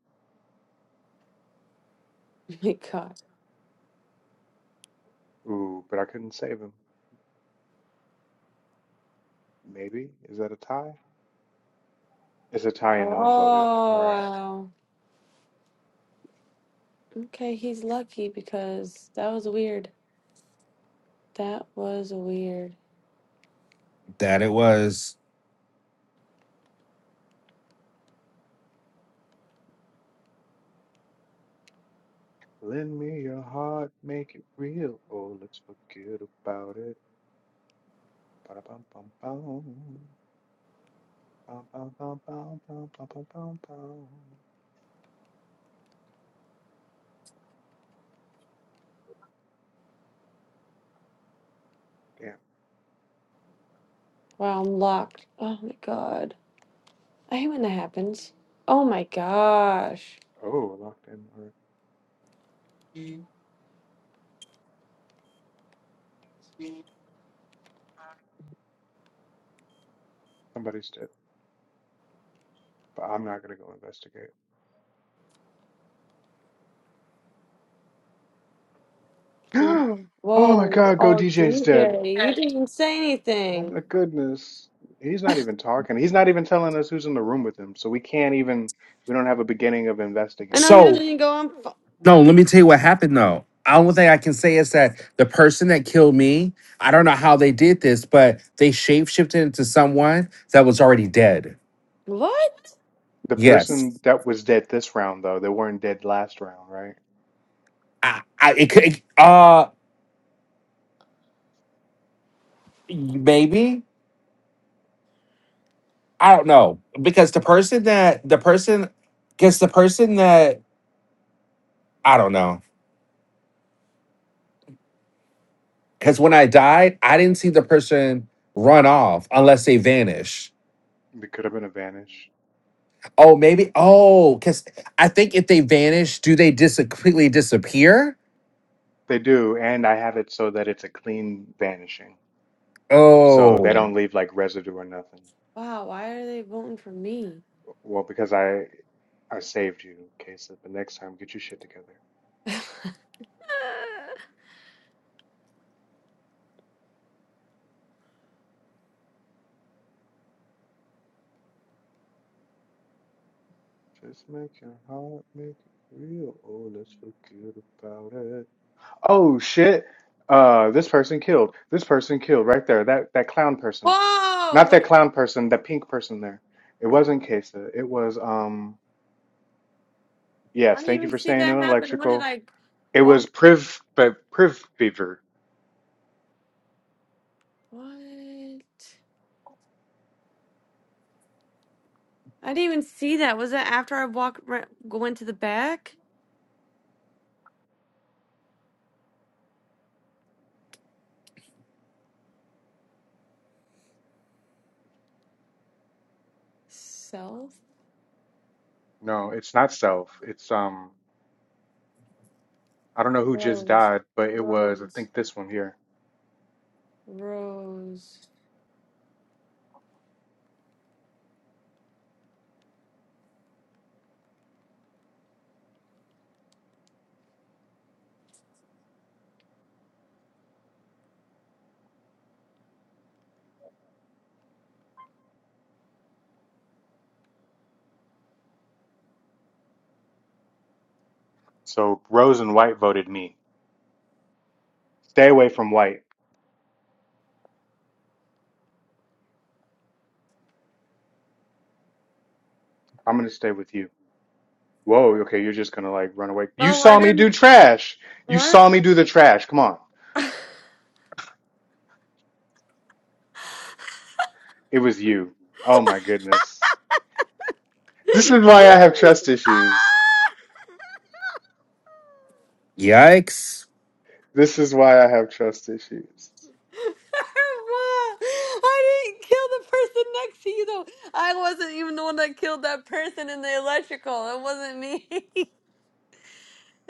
B: Oh my God.
A: Ooh, but I couldn't save him. Maybe? Is that a tie? It's a tie and no one voted. All
B: Oh
A: right.
B: wow. Okay, he's lucky because that was weird. That was weird.
C: That it was.
A: Lend me your heart, make it real. Oh, let's forget about it. Ba-da-bum-bum-bum. Bum-bum-bum-bum-bum-bum-bum-bum. Damn.
B: Wow, I'm locked. Oh my God. I hate when that happens. Oh my gosh.
A: Oh, locked in. All right. Somebody's dead. But I'm not gonna go investigate.
B: Whoa,
A: Oh my God, Go
B: oh
A: DJ's dead.
B: DJ, you didn't say
A: Oh
B: anything.
A: my goodness. He's not even talking. He's not even telling us who's in the room with him. So we can't even, we don't have a beginning of
B: I know
A: investigating.
B: he doesn't
C: So
B: even go on. f-
C: no, let me tell you what happened though. The only thing I can say is that the person that killed me, I don't know how they did this, but they shapeshifted into someone that was already dead.
B: What?
A: The
C: Yes.
A: person that was dead this round, though, they weren't dead last round, right?
C: I, I it could. Uh, maybe i don't know because the person that the person because the person that i don't know because when i died i didn't see the person run off unless they vanish
A: They could have been a vanish.
C: oh maybe oh because i think if they vanish do they dis- completely disappear
A: They do, and I have it so that it's a clean vanishing. So
C: oh
A: they don't leave like residue or nothing.
B: Wow, why are they voting for me?
A: Well, because I I saved you, Kasich. But next time, get your shit together.
B: Whoa,
A: Just make your heart make it real. Oh, let's forget about it. Oh shit! Uh, this person killed. This person killed right there. That that clown person. Not
B: what?
A: that clown person. That pink person there. It wasn't Kasich. It was um.
B: I
A: Yes,
B: didn't
A: thank you
B: even
A: for
B: see
A: staying in
B: that happen. What did
A: Electrical.
B: I
A: It was
B: walk?
A: Priv, but Priv Beaver.
B: What? I didn't even see that. Was that after I walked ra- went to the back? Self?
A: No, it's not self. It's um. I don't know who just
B: Rose,
A: died, but it was, I
B: Rose,
A: think this one here.
B: Rose.
A: So Rose and White voted me. Stay away from White. I'm gonna stay with you. Whoa, okay, you're just gonna like run away. You
B: Oh, I
A: saw me do
B: didn't.
A: trash. You
B: What?
A: saw me do the trash. Come on. It was you. Oh my goodness.
B: Ah!
A: This is why I have trust issues.
C: yikes
A: This is why I have trust issues.
B: For What? I didn't kill the person next to you though. I wasn't even the one that killed that person in the electrical. It wasn't me.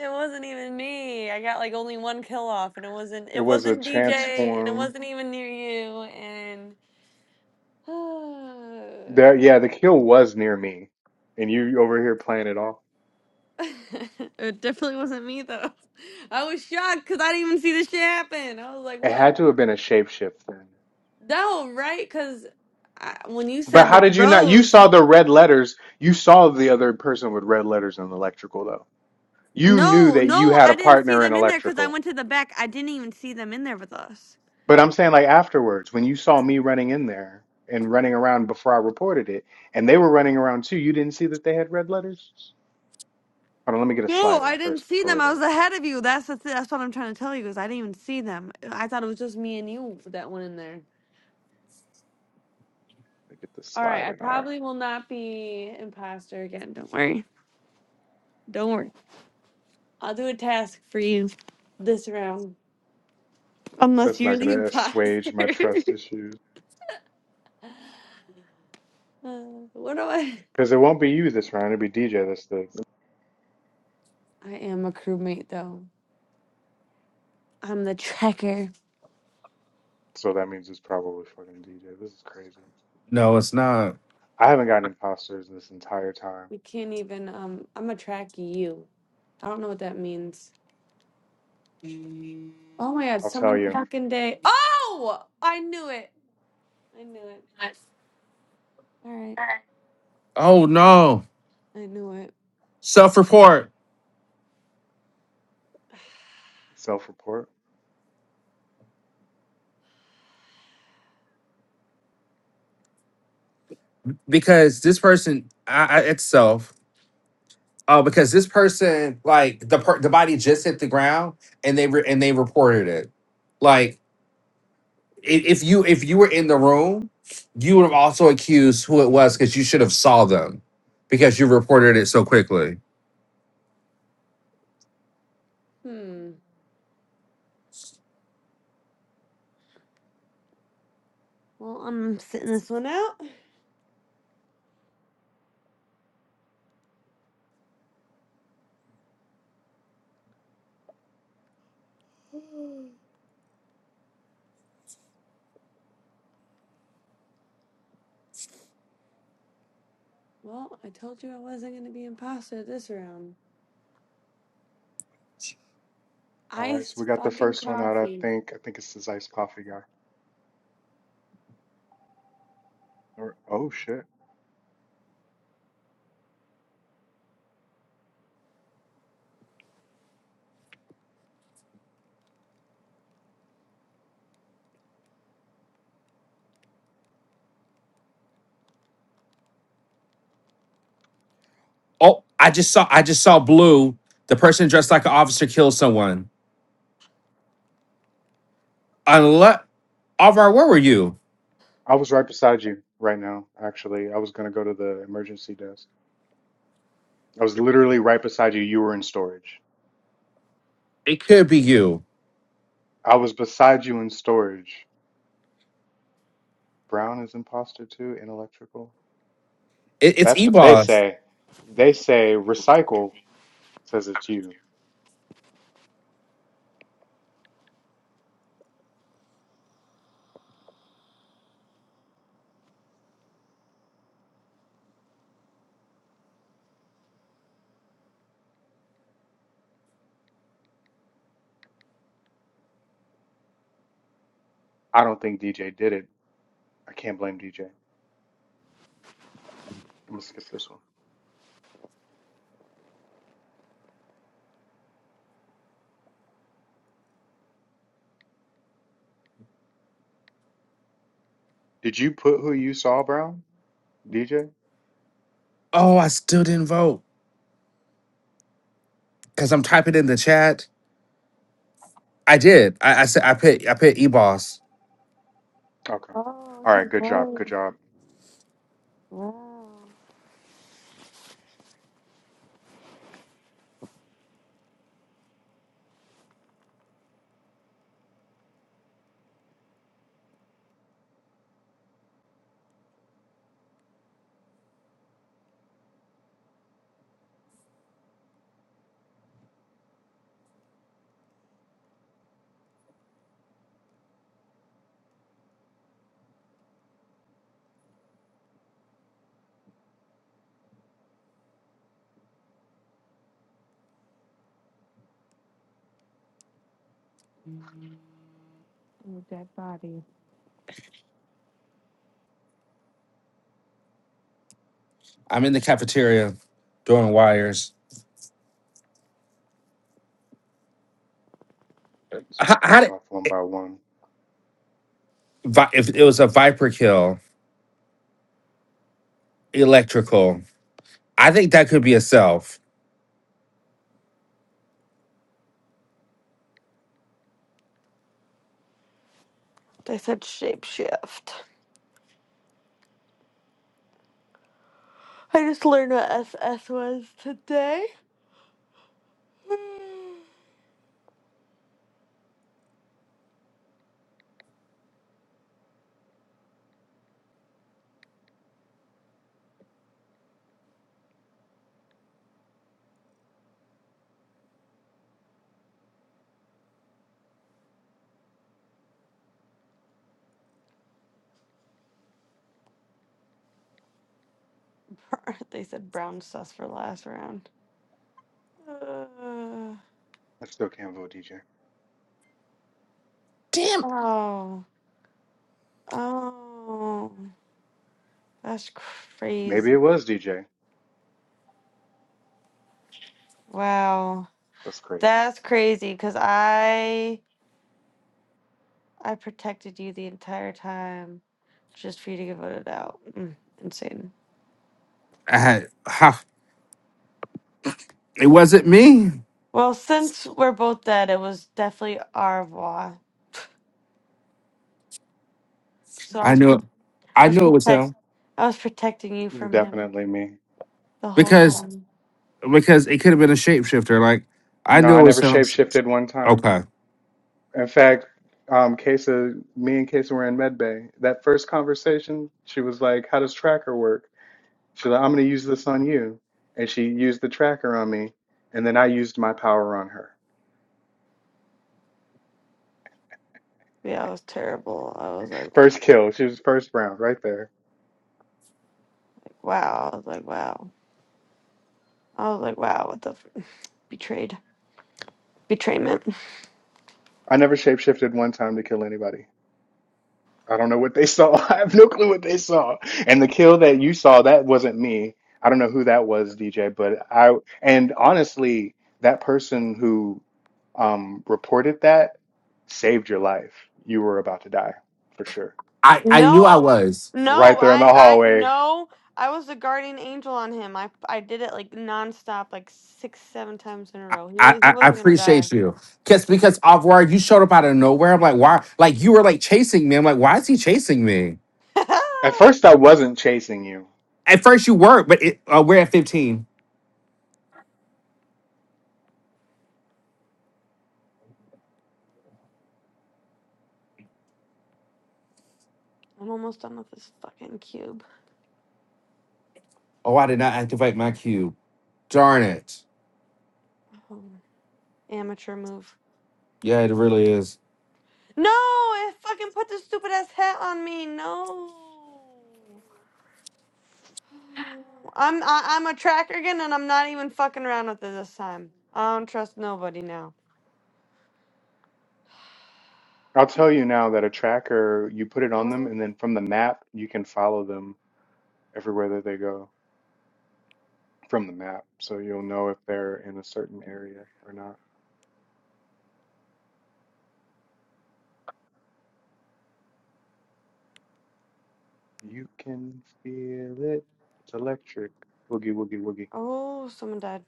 B: It wasn't even me. I got like only one kill off and it wasn't
A: It
B: it
A: was a
B: wasn't DJ and it
A: transform.
B: wasn't even near you and
A: There, yeah, the kill was near me, and you over here playing it off.
B: it definitely wasn't me though. I was shocked because I didn't even see this shit happen. I was like,
A: It had
B: what?
A: to have been a shapeshift then.
B: No, right? Because when you
A: But
B: said
A: how
B: the
A: did you not? You
B: rows,
A: saw the red letters. You saw the other person with red letters in electrical, though. You knew
B: no,
A: that you
B: no,
A: had
B: I
A: a
B: didn't see
A: partner in
B: them in there because I
A: electrical.
B: went to the back. I didn't even see them in there with us.
A: But I'm saying, like, afterwards, when you saw me running in there and running around before I reported it, and they were running around too, you didn't see that they had red letters? Hold on, let me get a
B: No,
A: slide in
B: I didn't
A: first
B: see
A: before we
B: them. I was
A: leave.
B: ahead of you. That's the th- that's what I'm trying to tell you is I didn't even see them. I thought it was just me and you that went in there.
A: Let me get this
B: All
A: slide
B: right, I
A: in. All right.
B: probably will not be imposter again. Don't worry. Don't worry. I'll do a task for you this round, unless
A: That's
B: you're
A: not
B: the
A: going to assuage
B: imposter.
A: my trust issues.
B: uh, what do I?
A: Because it won't be you this round. It'll be DJ. That's the.
B: I am a crewmate though. I'm the tracker.
A: So that means it's probably fucking DJ. This is crazy.
C: no it's not
A: I haven't gotten imposters this entire time.
B: We can't even. Um, I'm gonna track you. I don't know what that means. Oh my god,
A: I'll tell
B: someone
A: you.
B: fucking day. Oh, I knew it. I knew it. All right,
C: oh no
B: I knew it.
C: self-report
A: Self-report.
C: because this person I, I, it's self Oh, because this person, like the per- the body just hit the ground and they re- and they reported it. Like i- if you if you were in the room, you would have also accused who it was because you should have saw them because you reported it so quickly.
B: Hmm. Well, I'm sitting this one out. Well, I told you I wasn't gonna be imposter this round.
A: All right, so
B: Iced
A: we got the
B: fucking
A: first one out, I
B: coffee.
A: think. I think it's this iced coffee guy. Or oh shit.
C: Oh, I just saw I just saw blue. The person dressed like an officer killed someone. Unless Alvar, where were you?
A: I was right beside you right now, actually. I was gonna go to the emergency desk. I was literally right beside you. You were in storage.
C: It could be you.
A: I was beside you in storage. Brown is imposter too, in electrical.
C: It, it's
A: That's what they
C: Ebos.
A: say. They say recycle says it's you. I don't think DJ did it. I can't blame DJ. I'm gonna skip this one. Did you put who you saw, Brown? DJ?
C: Oh, I still didn't vote because I'm typing in the chat. I did. I, I said I put I put Ebos.
A: Okay.
B: Oh,
A: All right,
B: he
A: good job. Good
B: was.
A: job.
B: Wow. Oh, dead body.
C: I'm in the cafeteria doing wires.
A: Just
C: How,
A: picking
C: how
A: this
C: did
A: off one by one.
C: vi- if it was a viper kill electrical? I think that could be a self.
B: They said shapeshift. I just learned what SS was today. they said brown sus for last round.
A: I still can't vote DJ.
C: Damn,
B: Uh, oh, oh, that's
A: Maybe it
B: crazy!
A: was DJ.
B: Wow,
A: That's crazy.
B: that's crazy. Cause I I protected you the entire time, just for you to get voted out. Mm, insane.
C: I had, ha, it wasn't me.
B: Well, since we're both dead, it was definitely au revoir. So I
C: I
B: was
C: knew
B: pro-
C: it.
B: I
C: I
B: was
C: knew it was
B: protect
C: him
B: I was protecting you
A: It's
B: from him
A: Definitely me.
B: the whole
C: because
B: time.
C: because it could have been a shapeshifter. Like I
A: No,
C: knew
A: I
C: it was
A: never
C: him.
A: shapeshifted one time.
C: Okay,
A: In fact, um, Kesa, me and Kesa were in medbay. That first conversation, she was like, "How does tracker work?" She's like, "I'm going to use this on you," and she used the tracker on me, and then I used my power on her.
B: Yeah, I was terrible. I was like, wow.
A: First kill. She was first round right there.
B: wow. I was like, wow. I was like, wow. What the f- betrayed betrayment?
A: I never shapeshifted one time to kill anybody. I don't know what they saw. I have no clue what they saw. And the kill that you saw, that wasn't me. I don't know who that was, DJ, but I, and honestly, that person who um, reported that saved your life. You were about to die for sure.
C: I I knew I
B: No,
C: was.
B: no.
A: Right there in the
B: I, I,
A: hallway.
B: no. I was the guardian angel on him. I, I did it like nonstop, like six, seven times in a row. He
C: I,
B: was, he
C: I I
B: wasn't gonna die.
C: appreciate you. Cause because Avril, you showed up out of nowhere. I'm like, why? Like you were like chasing me. I'm like, why is he chasing me?
A: At
B: I'm
A: first, I wasn't chasing you.
C: At first you were, but it, uh, we're at 15.
B: almost done with this fucking cube.
C: Oh, I did not activate my cube. Darn it.
B: Oh, amateur move.
C: Yeah, it really is.
B: No, it fucking put the stupid ass hat on me. No. Oh, I'm I, I'm a tracker again, and I'm not even fucking around with it this time. I don't trust nobody now.
A: I'll tell you now that a tracker, you put it on them,
B: No.
A: and then from the map, you can follow them everywhere that they go. from the map, so you'll know if they're in a certain area or not. You can feel it. It's electric. Woogie woogie woogie.
B: Oh, someone died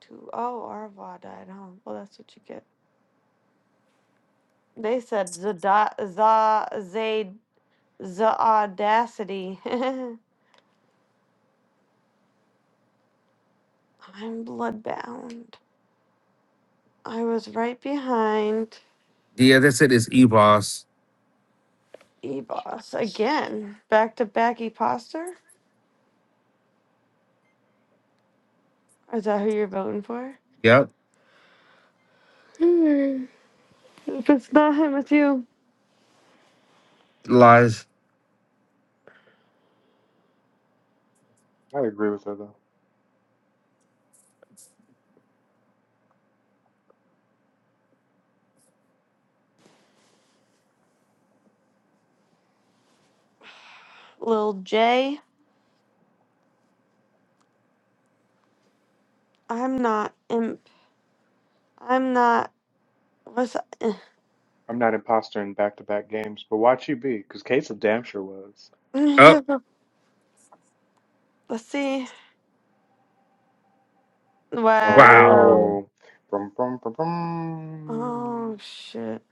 B: too. Oh, Arva died. Huh. Well, that's what you get. They said the the zaid the audacity. I'm bloodbound. I was right behind
C: Yeah, that's it. It's EBOS.
B: E-Boss again. Back to back E-Poster? Is that who you're voting for?
C: Yep.
B: Hmm. If it's not him, it's you.
C: Lies.
A: I agree with her though.
B: Lil J. I'm not imp. I'm not. What's
A: I'm not imposter in back-to-back games, but watch you be, because Kate's damn sure was.
C: Oh,
B: that? Let's see. Wow.
C: wow.
A: Oh, brum brum brum
B: Oh
A: brum.
B: shit.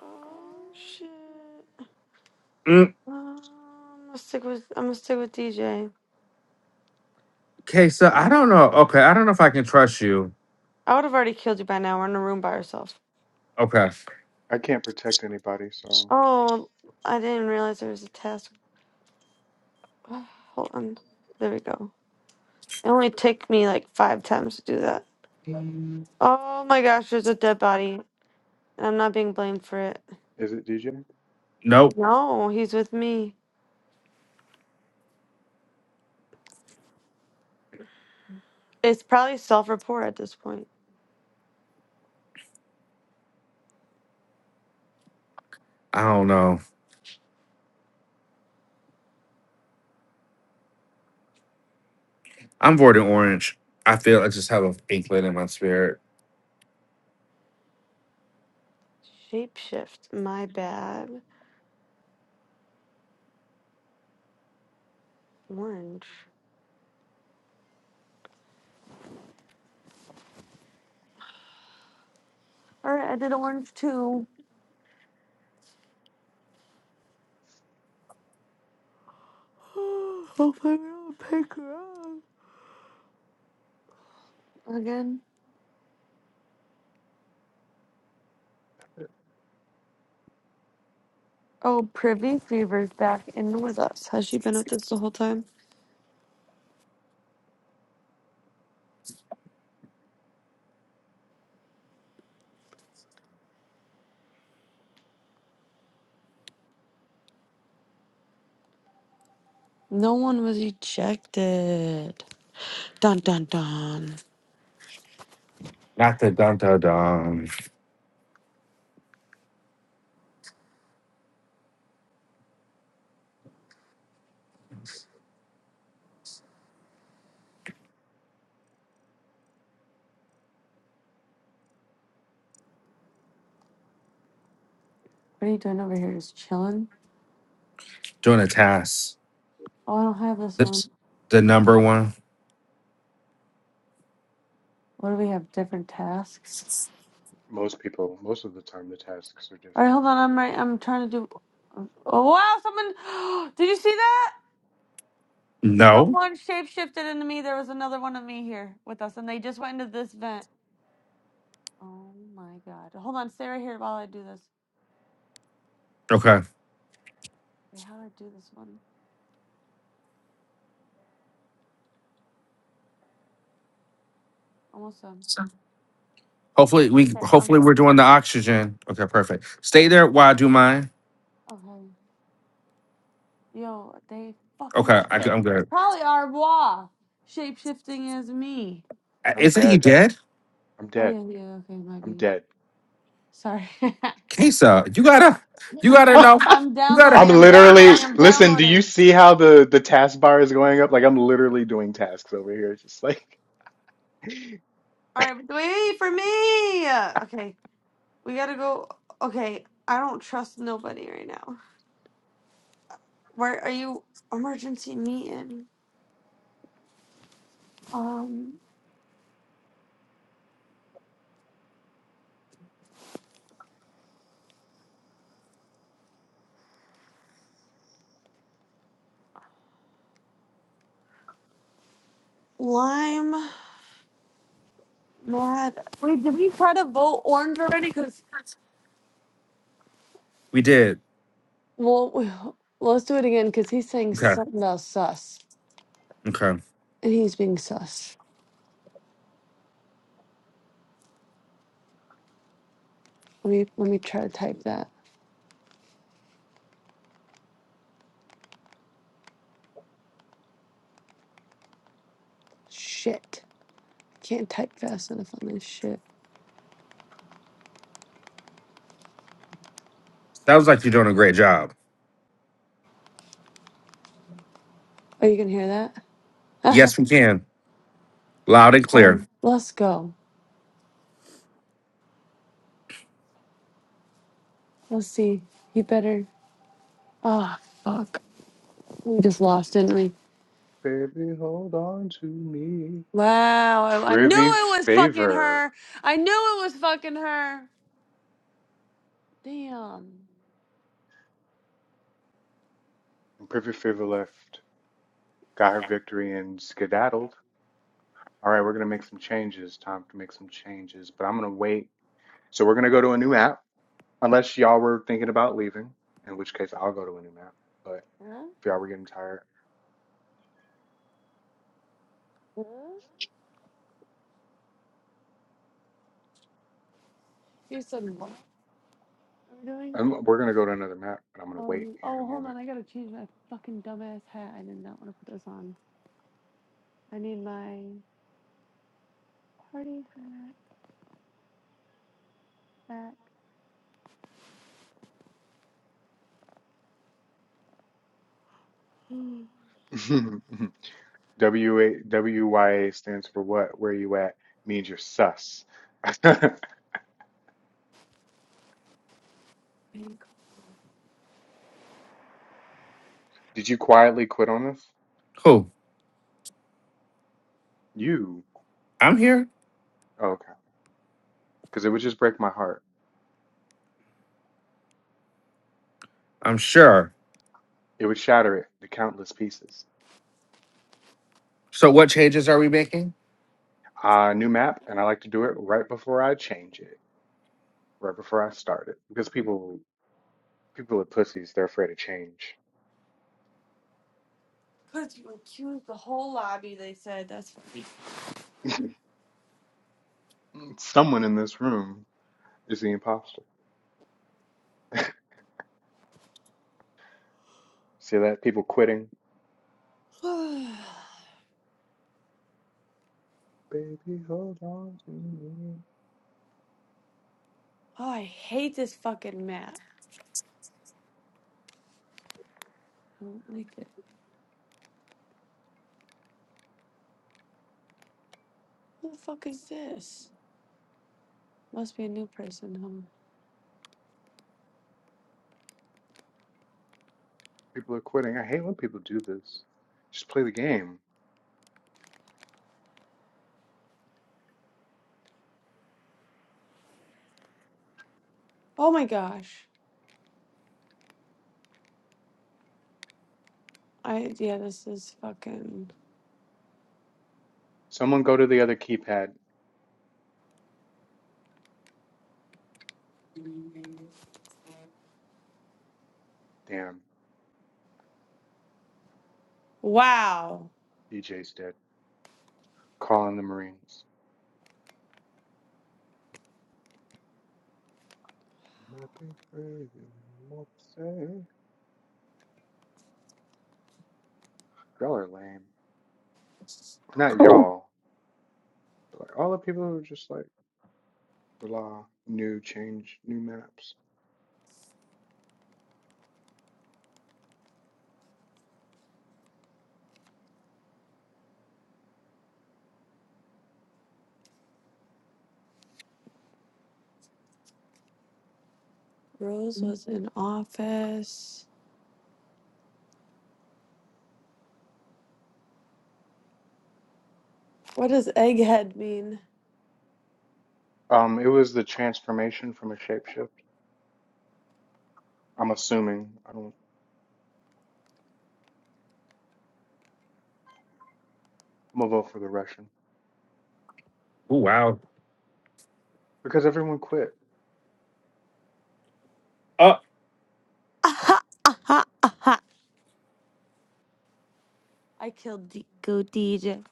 B: Oh shit.
C: Mm,
B: Um, I'm gonna stick with. I'm gonna stick with DJ.
C: Okay, so I
A: Ooh,
C: don't know. Okay, I don't know if I can trust you.
B: I would have already killed you by now. We're in a room by ourselves.
C: Okay.
A: I can't protect anybody, so
B: Oh, I didn't realize there was a task. Hold on. There we go. It only took me like five times to do that. Oh my gosh, there's a dead body, and I'm not being blamed for it.
A: is it DJ?
C: Nope.
B: No, he's with me. It's probably self-report at this point.
C: I don't know. I'm voting orange. I feel I just have an inkling in my spirit.
B: Shapeshift. My bad. Orange. All right, I did orange too. Hopefully, we don't pick her up again. Oh, Privy Fever's back in with us. Has she been with us the whole time? No one was ejected. Dun dun dun.
C: Not the dun dun dun.
B: What are you doing over here? Just chilling?
C: Doing a task.
B: Oh, I don't have this one.
C: That's the number one.
B: What do we have? Different tasks.
A: Most people, most of the time, the tasks are
B: All right,
A: different.
B: hold on. I'm right. I'm trying to do. Oh wow! Someone. Did you see that?
C: No.
B: Someone shapeshifted into me. There was another one of me here with us, and they just went into this vent. Oh my god. Hold on, stay right here while I do this.
C: Okay.
B: Wait, how do I do this one? Almost done.
C: Hopefully we
B: Okay. I'm
C: hopefully we're
B: done.
C: doing the oxygen. Okay, perfect. Stay there while I do mine.
B: Okay. Yo, they fucking.
C: Okay,
B: Sh-
C: I,
B: Yeah.
C: am
B: it's
C: good.
B: probably Arbois shape shifting as me.
C: Uh,
A: I'm
C: Isn't he
A: dead.
C: dead?
A: I'm
B: Oh,
A: dead.
B: yeah, yeah, okay, might
A: I'm
B: be.
A: dead.
B: Sorry.
C: Kesa, you gotta, you gotta know.
A: I'm
B: I'm
C: You gotta.
B: downloading, I'm downloading,
A: literally,
B: I'm
A: listen, do you
B: downloading.
A: see how the the task bar is going up? Like I'm literally doing tasks over here. It's just like
B: All right, wait for me. Okay, we gotta go. Okay, I don't trust nobody right now. Where are you? Emergency meeting. Um, Lime, Mad. Wait, did we try to vote orange already? Because,
C: We did.
B: well, we- well, let's do it again because he's saying
C: Okay,
B: something about sus.
C: okay.
B: And he's being sus. Let me, let me try to type that. Shit. Can't type fast enough on this shit.
C: Sounds like you're doing a great job.
B: Oh, you can hear
C: Yes,
B: that?
C: we can. Loud and clear.
B: um, let's go. Let's see. He better. Ah, fuck. We just lost, didn't we?
A: Baby, hold on to me.
B: Wow, I, I knew
A: Privy
B: it was fucking
A: Favor.
B: her. I knew it was fucking her. Damn.
A: And Privy Favor left, got her victory, and skedaddled. All right, we're going to make some changes. Time to make some changes, but I'm going to wait. So we're going to go to a new app. Unless y'all were thinking about leaving, in which case I'll go to a new map. But
B: Huh?
A: if y'all were getting tired,
B: Huh? You said what are we doing?
A: I'm, we're gonna go to another map, but I'm gonna
B: Oh, and
A: wait
B: you,
A: here in a
B: oh, hold
A: moment.
B: on. I gotta change my fucking dumbass hat. I did not want to put this on. I need my party hat back.
A: W a w y a stands for what? Where you at? Means you're sus. Did you quietly quit on us?
C: Cool.
A: You.
C: I'm here.
A: Oh, okay. Because it would just break my heart.
C: I'm sure.
A: It would shatter it to countless pieces.
C: So, what changes are we making?
A: Uh, new map, and I like to do it right before I change it, right before I start it, because people people are pussies. They're afraid of change.
B: Because you accused the whole lobby, they said. That's funny.
A: Someone in this room is the imposter. See that? People quitting.
B: oh,
A: Baby, hold on to me.
B: I hate this fucking map. I don't like it. Who the fuck is this? Must be a new person, huh?
A: People are quitting. I hate when people do this. Just play the game.
B: Oh my gosh. I yeah, this is fucking
A: Someone go to the other keypad. Damn,
B: wow.
A: DJ's dead. Calling the Marines. I'm I'm not saying. Y'all are lame. Not
C: Cool.
A: y'all, but like all the people who are just like, blah, new change, new maps.
B: Rose was in office. What does egghead mean?
A: Um, it was the transformation from a shapeshift. I'm assuming. I don't. I'm gonna vote for the Russian.
C: Oh, wow.
A: Because everyone quit.
C: Uh,
B: Aha, aha, aha. I killed D- go DJ.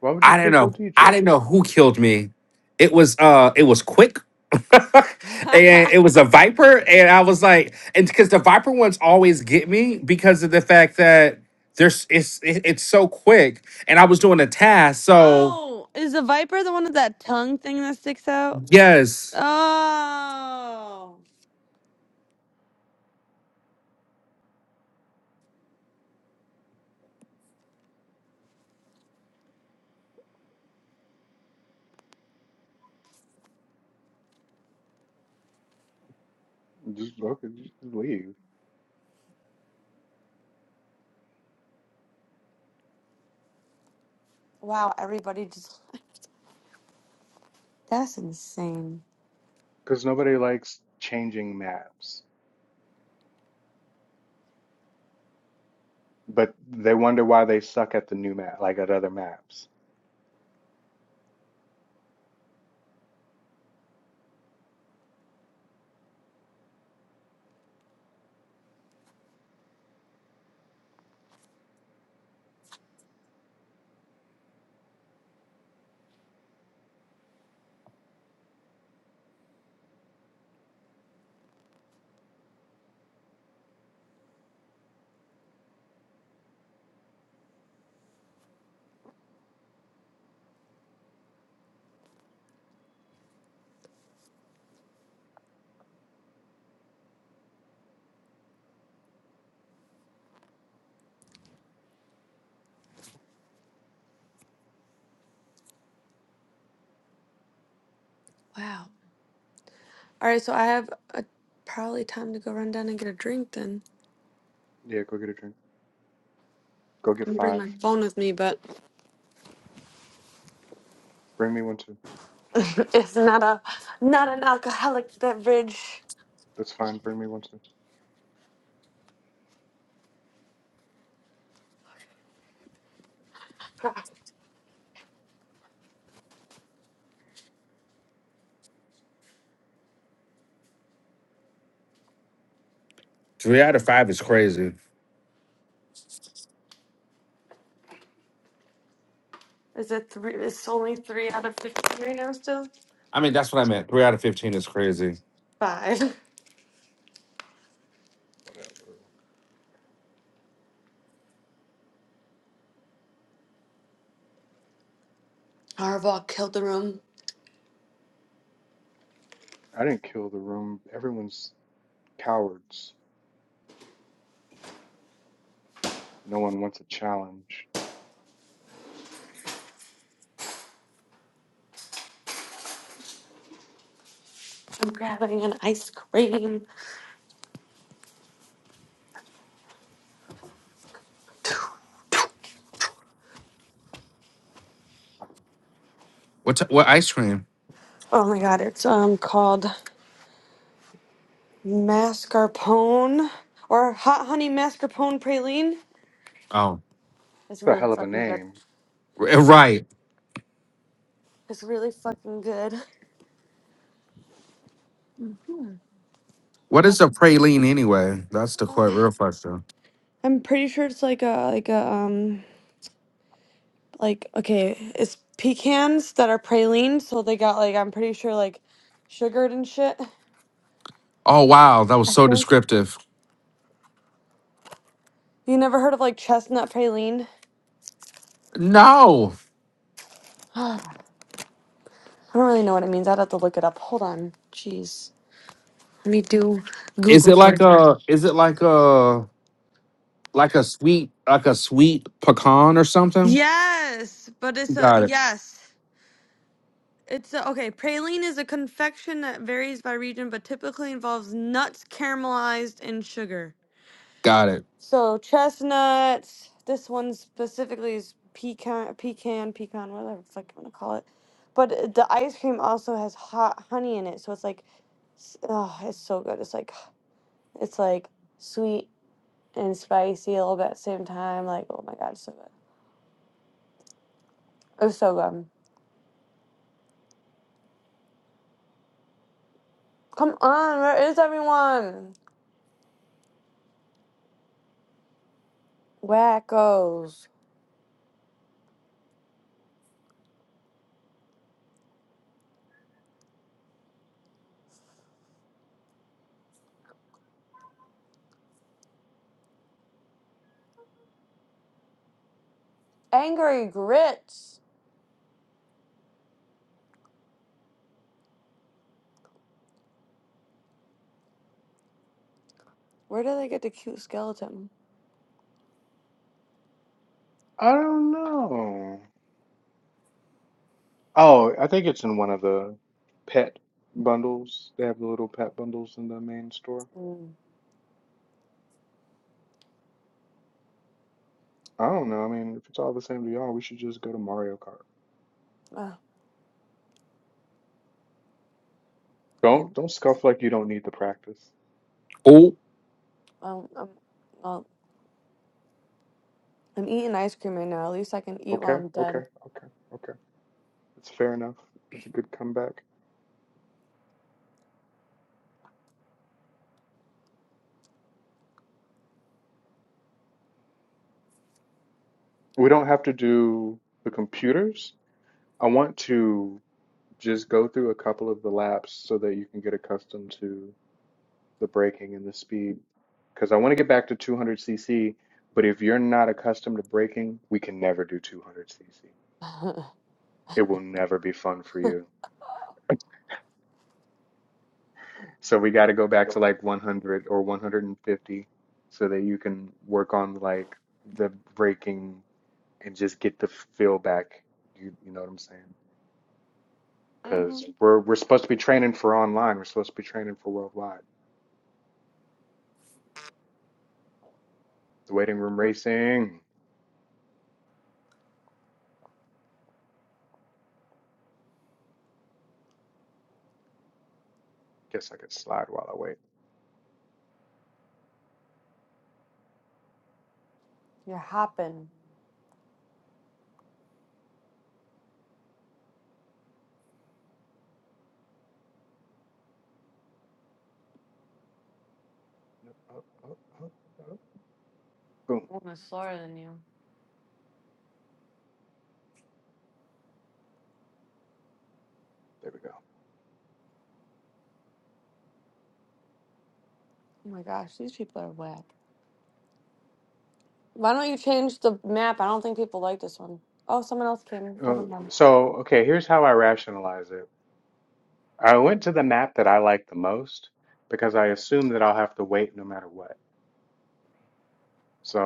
A: Why would you
C: I don't
A: co- go
C: know. I didn't
A: DJing?
C: know who killed me. It was uh it was quick. and it was a viper and I was like and because the viper ones always get me because of the fact that there's it's it, it's so quick and I was doing a task so
B: oh, is the viper the one with that tongue thing that sticks out?
C: yes
B: Oh,
A: Just fucking just leave.
B: wow! Everybody just that's insane.
A: Because nobody likes changing maps. But they wonder why they suck at the new map, like at other maps.
B: Wow. All right, so I have a, probably time to go run down and get a drink. Then
A: Yeah, go get a drink. Go get
B: I'm gonna bring
A: five.
B: my phone with me, but.
A: Bring me one too.
B: It's not a not an alcoholic beverage.
A: That's fine. Bring me one too.
C: 3 out of 5 is crazy.
B: Is it three? It's only three out of fifteen right now. Still
C: I mean that's what I meant. 3 out of 15 is crazy.
B: five.
A: Whatever.
B: Harbaugh killed the room.
A: I didn't kill the room. Everyone's cowards. No one wants a challenge.
B: I'm grabbing an ice cream.
C: What t- what ice cream?
B: Oh my god! It's um called mascarpone or hot honey mascarpone praline.
C: Oh,
B: It's
A: What a
B: really
A: hell of a
B: fucking good.
A: name.
C: r- right.
B: It's really fucking good.
C: What
B: What?
C: is a praline anyway? That's the que-
B: Uh,
C: real question.
B: I'm pretty sure it's like a like a um. like okay, it's pecans that are praline, so they got like I'm pretty sure like sugared and shit.
C: Oh wow, that was
B: I
C: so
B: think
C: descriptive.
B: you never heard of like chestnut praline.
C: No.
B: I don't really know what it means. I'd have to look it up. Hold on, jeez. Let me do
C: Is
B: Google
C: it like
B: search.
C: a? Is it like a? Like a sweet, like a sweet pecan or something?
B: Yes, but it's a
C: Got it.
B: yes. It's a, okay. Praline is a confection that varies by region, but typically involves nuts caramelized and sugar.
C: Got it.
B: So chestnuts. This one specifically is pecan, pecan, pecan, whatever the fuck you want to call it. But uh, the ice cream also has hot honey in it, so it's like, s- oh, it's so good. It's like it's like sweet and spicy a little bit at the same time. Like, oh my god, it's so good. It's so good. Come on, where is everyone? Wackos, angry grits. Where do they get the cute skeleton?
A: I don't know. Oh, I think it's in one of the pet bundles. They have the little pet bundles in the main store.
B: Mm.
A: I don't know. I mean, if it's all the same to y'all, we should just go to Mario Kart.
B: Oh, i
A: Don't don't scuff like you don't need the practice.
C: Oh,
B: um, I'm, I'm eating ice cream right now. At least I can eat while
A: Okay,
B: I'm
A: okay,
B: dead.
A: okay, okay. It's fair enough. It's a good comeback. We don't have to do the computers. I want to just go through a couple of the laps so that you can get accustomed to the braking and the speed. Because I want to get back to 200cc, but if you're not accustomed to braking, we can never do 200cc. It will never be fun for you. So we got to go back to like 100 or 150 so that you can work on like the braking and just get the feel back. You you know what I'm saying?
B: hmm
A: Because we're we're supposed to be training for online. We're supposed to be training for worldwide. The waiting room racing. Guess I could slide while I wait.
B: You're hopping.
A: Yep, up, up, up, up. Boom.
B: I'm slower than you.
A: There we go.
B: Oh my gosh, these people are whack. Why don't you change the map? I don't think people like this one. Oh, someone else came. Everyone.
A: Uh, so okay, here's how I rationalize it. I went to the map that I like the most because I assume that I'll have to wait no matter what.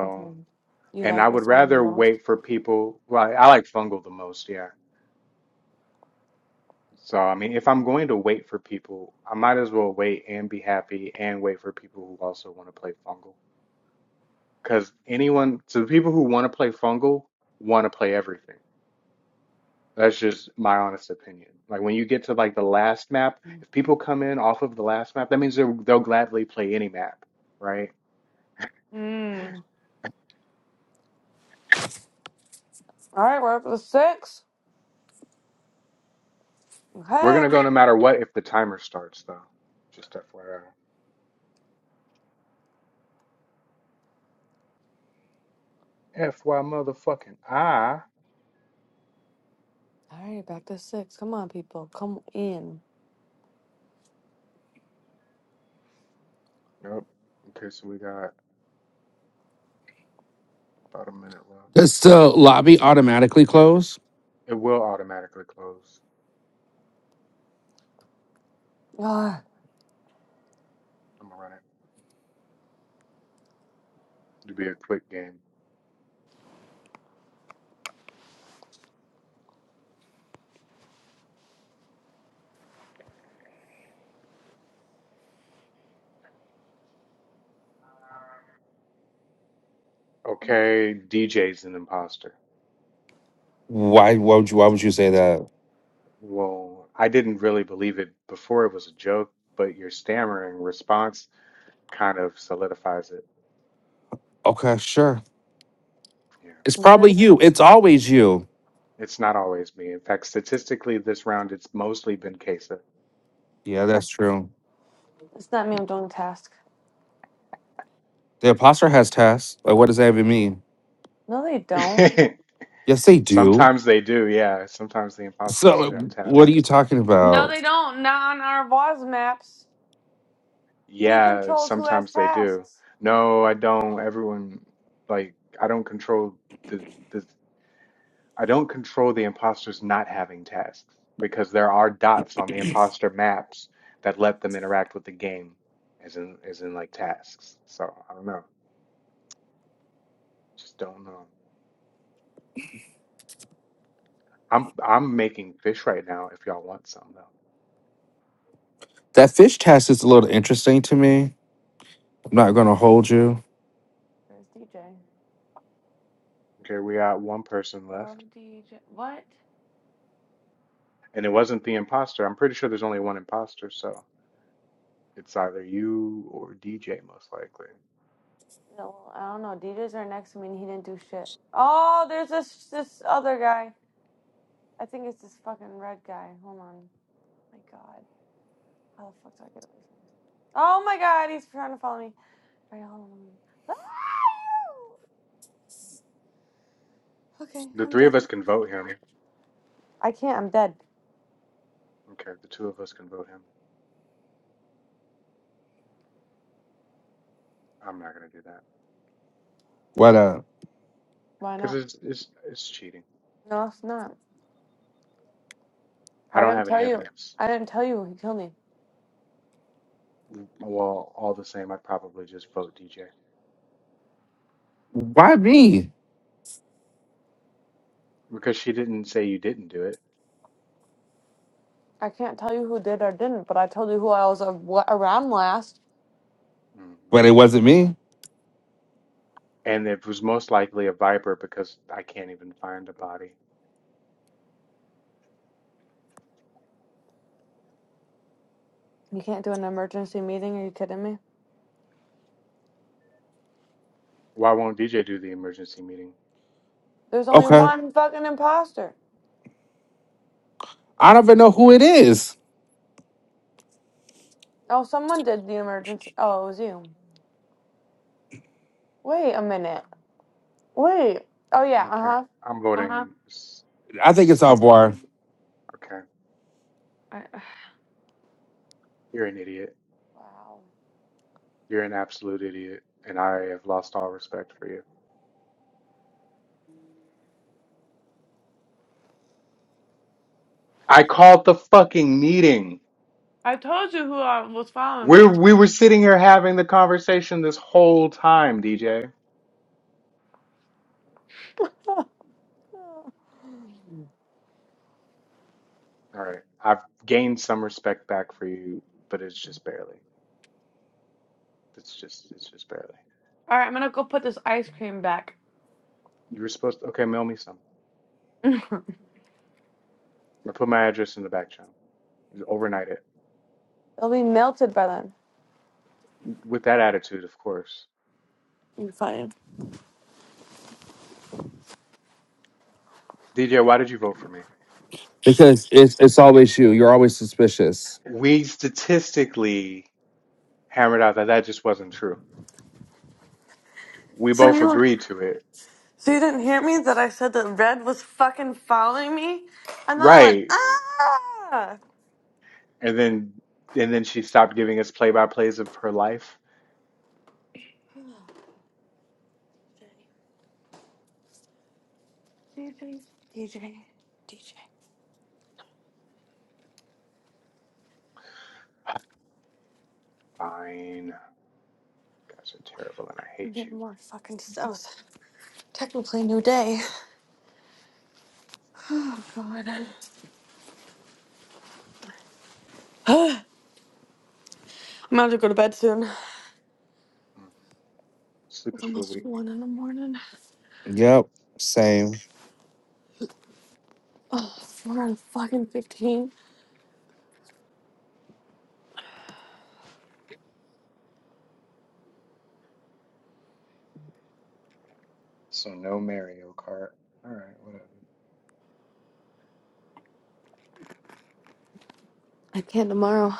B: else. Okay. You
A: And I
B: like
A: would
B: this one the
A: rather
B: most?
A: wait for people. Well, I I like fungal the most, yeah. So, I mean, if I'm going to wait for people, I might as well wait and be happy and wait for people who also want to play fungal. Because anyone, so the people who want to play fungal want to play everything. That's just my honest opinion. Like when you get to like the last map, if people come in off of the last map, that means they'll, they'll gladly play any map, right?
B: Mm. All right, we're up to six.
A: We're gonna
B: Okay.
A: go no matter what if the timer starts, though. Just FYI. FY motherfucking I.
B: All right, back to six. Come on, people. Come in.
A: Yep. Okay, so we got about a minute left.
C: does the lobby automatically close?
A: It will automatically close.
B: Ah,
A: I'm gonna run it. It'll be a quick game. Okay, DJ's an imposter.
C: Why? Why would you? Why would you say that?
A: Well, I didn't really believe it before it was a joke, but your stammering response kind of solidifies it.
C: Okay, sure.
A: Yeah.
C: It's probably
B: nerds.
C: you. It's always you.
A: It's not always me. In fact, statistically, this round it's mostly been Kesa.
C: Yeah, that's true.
B: it's not me. I'm doing the task.
C: The imposter has tests. Like, what does that even mean?
B: No, they don't.
C: Yes, they do.
A: Sometimes they do, yeah. Sometimes the imposters
C: So,
A: do
C: like,
A: have
C: what are
A: tasks.
C: you talking
B: No,
C: about?
B: they don't. Not on our boss maps. He
A: Yeah,
B: controls who has
A: sometimes they do.
B: tasks.
A: No, I don't. Everyone, like, I don't control the the I don't control the imposters not having tasks because there are dots on the imposter maps that let them interact with the game as in as in like tasks. So I don't know. Just don't know. I'm I'm making fish right now if y'all want some though.
C: That fish test is a little interesting to me. I'm not gonna hold you.
B: Where's DJ?
A: Okay, we got one person
B: Oh,
A: left.
B: DJ. What?
A: And it wasn't the imposter. I'm pretty sure there's only one imposter, so it's either you or DJ most likely.
B: No, I don't know. DJ's are next to me and he didn't do shit. Oh, there's this this other guy. I think it's this fucking red guy. Hold on. Oh My god. How the fuck do I get away from him? Oh my god, he's trying to follow me. Alright, hold on. Ah, Okay,
A: The
B: I'm
A: three
B: dead.
A: of us can vote him.
B: I can't, I'm dead.
A: Okay, the two of us can vote him. I'm not gonna do that
C: What? Uh,
B: Why
A: because
B: not?
A: it's it's it's cheating.
B: No, it's not.
A: I
B: I
A: don't
B: didn't
A: have any
B: tell you.
A: evidence.
B: I didn't tell you he killed me.
A: Well, all the same, I'd probably just vote DJ
C: why me?
A: because she didn't say you didn't do it,
B: I can't tell you who did or didn't, but I told you who I was uh, wa- around last.
A: hmm
C: But it wasn't me.
A: and it was most likely a viper because I can't even find a body.
B: You can't do an emergency meeting. Are you kidding me?
A: Why won't DJ do the emergency meeting?
B: There's only
C: Okay.
B: one fucking imposter.
C: I don't even know who it is.
B: Oh, someone did the emergency. Oh, it was you. Wait a minute. Wait. Oh yeah. Uh
A: Okay,
B: huh.
A: I'm
B: Uh huh.
A: voting. s-
C: I think
A: s-
C: it's
A: I'm
C: Alvar
A: okay.
B: I-
A: You're an idiot.
B: Wow.
A: You're an absolute idiot, and I have lost all respect for you. I called the fucking meeting.
B: I told you who uh, was following me.
A: We're we were sitting here having the conversation this whole time, DJ. All right. I've gained some respect back for you, but it's just barely. It's just it's just barely.
B: All right, I'm gonna go put this ice cream back.
A: You were supposed to okay, mail me some. I put my address in the back channel. Overnight it.
B: It'll be melted by then.
A: With that attitude, of course.
B: You fine.
A: DJ, why did you vote for me?
C: because It's it's always you. You're always suspicious.
A: We statistically hammered out that that just wasn't true. We
B: So
A: both
B: you.
A: agreed to it.
B: So you didn't hear me that I said that Red was fucking following me? And then I went,
A: Right.
B: ah!
A: And then and then she stopped giving us play by plays of her life.
B: DJ, DJ, DJ.
A: Fine. Guys are terrible and I
B: I'm
A: hate you.
B: getting more fucking stuff. Technically, new day. Oh, God. I'm about to go to bed soon.
A: Mm.
B: It's
A: Sleepers for the
B: almost
A: week.
B: 1 in the morning.
C: yep, same.
B: Oh, 4 and fucking 15.
A: So no Mario Kart. Alright, whatever.
B: I can't tomorrow.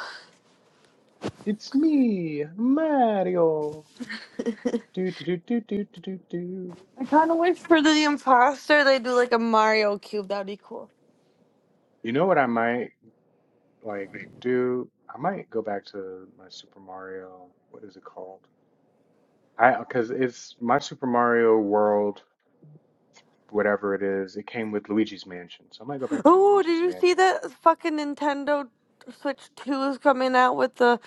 A: It's me, Mario. Do do do do do do do do.
B: I kind of wish for the imposter they do like a Mario cube. That'd be cool.
A: You know what I might like do? I might go back to my Super Mario. What is it called? I because it's my Super Mario World, whatever it is. It came with Luigi's Mansion, so I might go back to
B: Oh, did
A: Luigi's
B: you see
A: Mansion.
B: that fucking Nintendo Switch 2 is coming out with the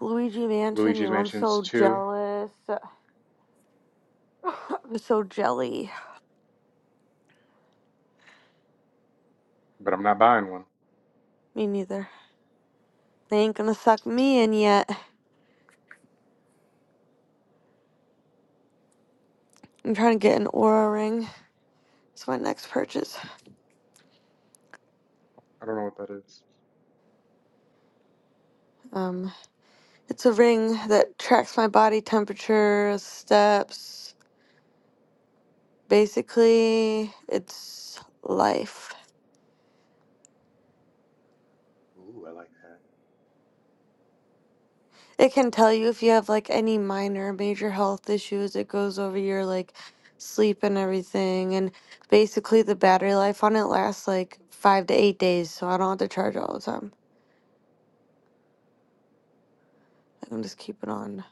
B: Luigi Mansion?
A: Luigi's
B: Yo, I'm
A: Mansion's
B: so
A: two,
B: jealous. I'm so jelly.
A: but I'm not buying one.
B: Me neither. They ain't gonna suck me in yet. I'm trying to get an aura ring. It's my next purchase.
A: I don't know what that is.
B: Um, it's a ring that tracks my body temperature, steps. Basically, it's life.
A: Ooh, I like that.
B: It can tell you if you have like any minor or major health issues. It goes over your like sleep and everything. And basically, the battery life on it lasts like five to eight days. So I don't have to charge all the time. I can just keep it on,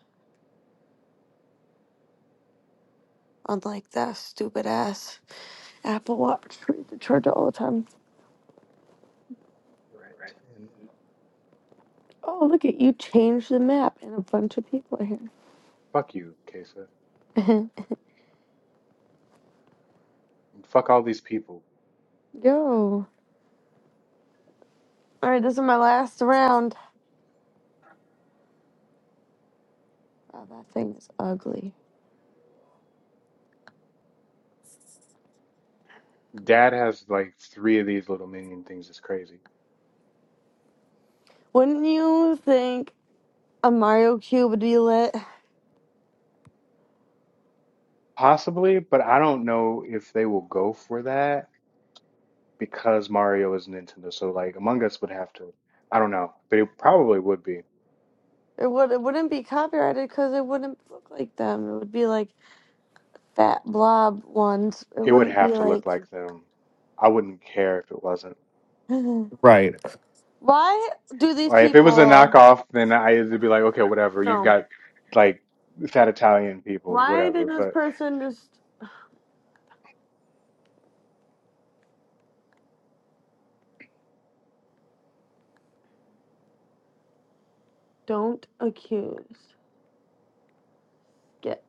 B: unlike that stupid ass Apple Watch where you have to charge it all the time.
A: Right. And
B: Oh, look at you changed the map and a bunch of people are here.
A: fuck you, Kesa. And fuck all these people.
B: Yo. All right, this is my last round. Wow, that thing is ugly.
A: Dad has like three of these little minion things. It's crazy.
B: Wouldn't you think a Mario Cube would be lit?
A: Possibly, but I don't know if they will go for that because Mario is Nintendo. So like Among Us would have to, I don't know, but it probably would be.
B: It would it wouldn't be copyrighted because it wouldn't look like them. It would be like fat blob ones. It
A: It would
B: wouldn't
A: have
B: be
A: to look
B: like.
A: like them. I wouldn't care if it wasn't.
C: Right.
B: Why do these
A: Like if it was a
B: people?
A: knockoff, then I'd be like, okay, whatever. You've
B: No.
A: got like fat Italian people,
B: Why did
A: whatever.
B: this
A: But.
B: person just don't accuse? Skip.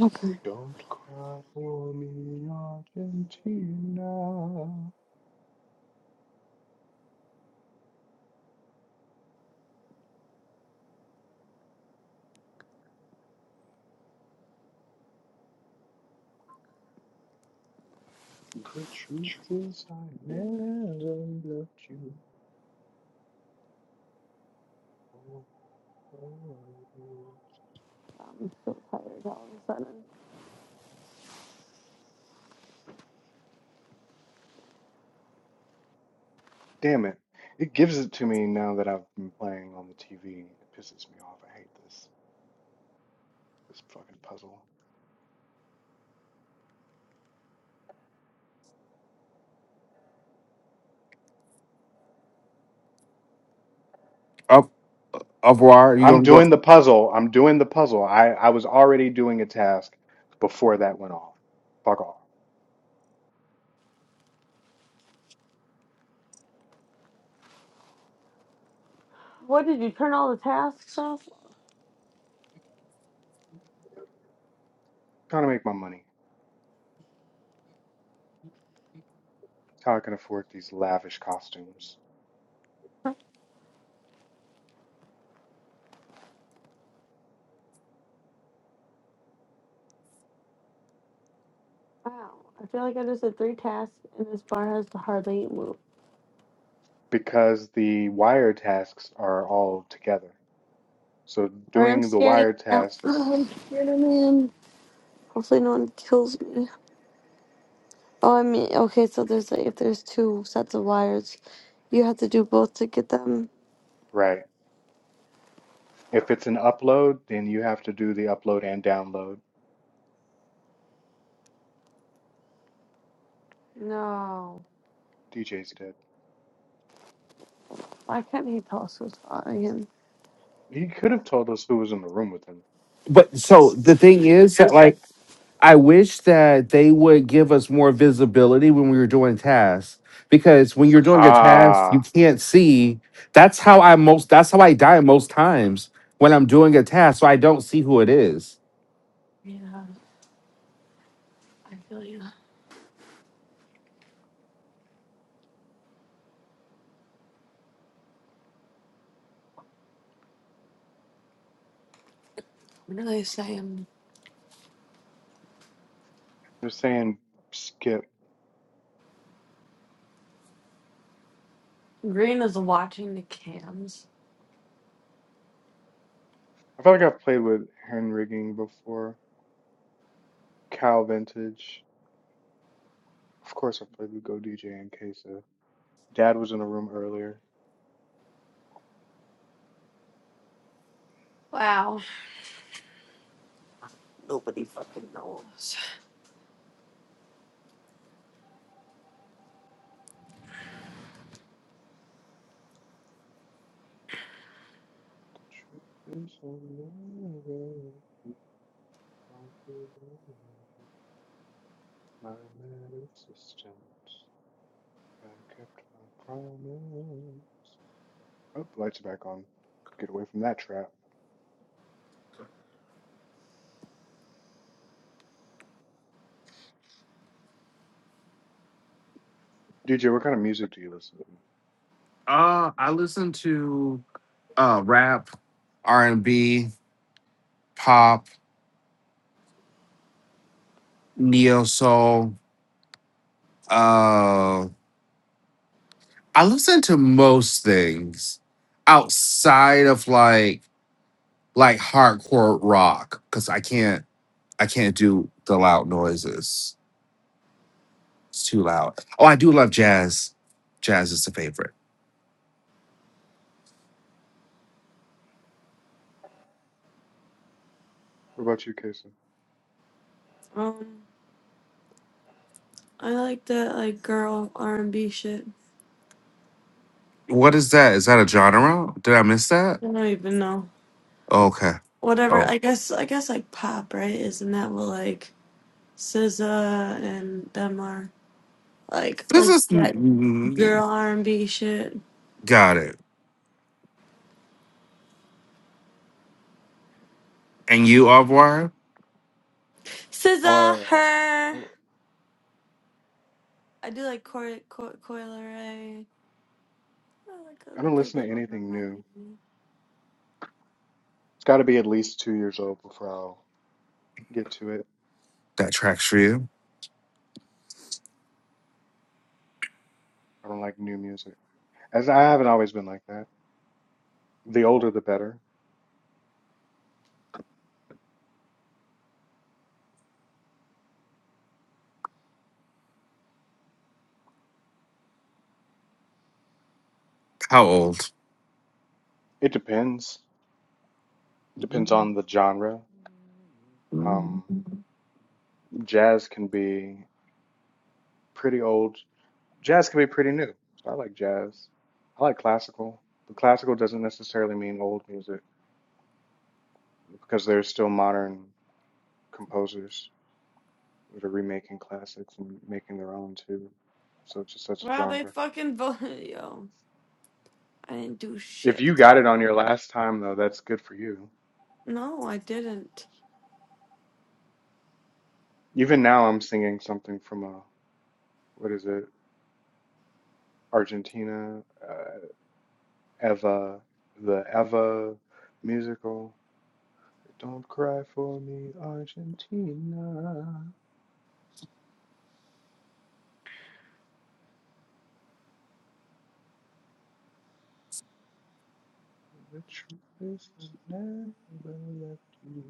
B: Okay.
A: Don't cry for me, Argentina. The truth is, I never loved you. or loved you.
B: I'm so tired all of a sudden.
A: Damn it. It gives it to me now that I've been playing on the TV. It pisses me off. I hate this. This fucking puzzle.
C: Up Alvar, you
A: I'm
C: gonna go
A: doing the puzzle. I'm doing the puzzle. I, I was already doing a task before that went off. Fuck off.
B: What did you turn all the tasks off?
A: Trying to make my money. How I can afford these lavish costumes.
B: Wow. I feel like I just did three tasks and this bar has hardly moved.
A: because the wire tasks are all together. So
B: Alright, I'm
A: doing the
B: scanning
A: wire
B: out.
A: tasks,
B: I'm scared, man. Hopefully no one kills me. Oh, I mean, okay, so there's like, if there's two sets of wires, you have to do both to get them.
A: right. If it's an upload, then you have to do the upload and download.
B: No.
A: DJ's did.
B: Why can't he tell us what's following him?
A: He could have told us who was in the room with him.
C: But so the thing is that like I wish that they would give us more visibility when we were doing tasks because when you're doing a task you
A: Ah,
C: can't see. That's how I most. That's how I die most times when I'm doing a task. So I don't see who it is.
B: Yeah, I feel you. What are they saying?
A: you're saying skip.
B: Green is watching the cams.
A: I feel like I've played with hand rigging before. Cal Vintage. Of course, I played with Go DJ and Kesa. Dad was in the room earlier.
B: Wow. Nobody fucking knows.
A: The truth is unbearable. Don't you know My man assistant. I kept my promise. Oh, lights are back on. Get away from that trap. DJ, what kind of music do you listen to?
C: uh I listen to uh rap, R and B. pop, neo soul. Uh, I listen to most things outside of like like hardcore rock because I can't I can't do the loud noises. It's too loud. Oh, I do love jazz. Jazz is a favorite.
A: What about you, Kesa?
B: Um, I like that like girl R and B shit.
C: What is that? Is that a genre? Did I miss that?
B: I don't even know.
C: Okay.
B: Whatever.
C: Oh,
B: I guess I guess like pop, right? Isn't that what like SZA and them are? Like
C: this
B: like
C: is mm,
B: that
C: mm,
B: girl R and B shit.
C: got it. And you, Avoir,
B: SZA,
A: Uh,
B: her.
A: I
B: I do like Coi Coi Coil Ray. I like
A: I
B: a
A: don't
B: good
A: listen to
B: little
A: anything new.
B: variety.
A: It's got to be at least two years old before I'll get to it.
C: that track's for you.
A: I don't like new music. As I haven't always been like that. The older the better.
C: How old?
A: It depends. Depends on the genre. Um, jazz can be pretty old. Jazz can be pretty new. So I like jazz. I like classical, but classical doesn't necessarily mean old music because there's still modern composers that are remaking classics and making their own too. So it's just such a
B: Wow, they
A: genre.
B: fucking voted yo. I didn't do
A: If you
B: shit.
A: got it on your last time though, that's good for you.
B: No, I didn't.
A: Even now I'm singing something from a what is it? Argentina, uh, Eva, the Eva musical. Don't cry for me, Argentina. The truth is I never left you.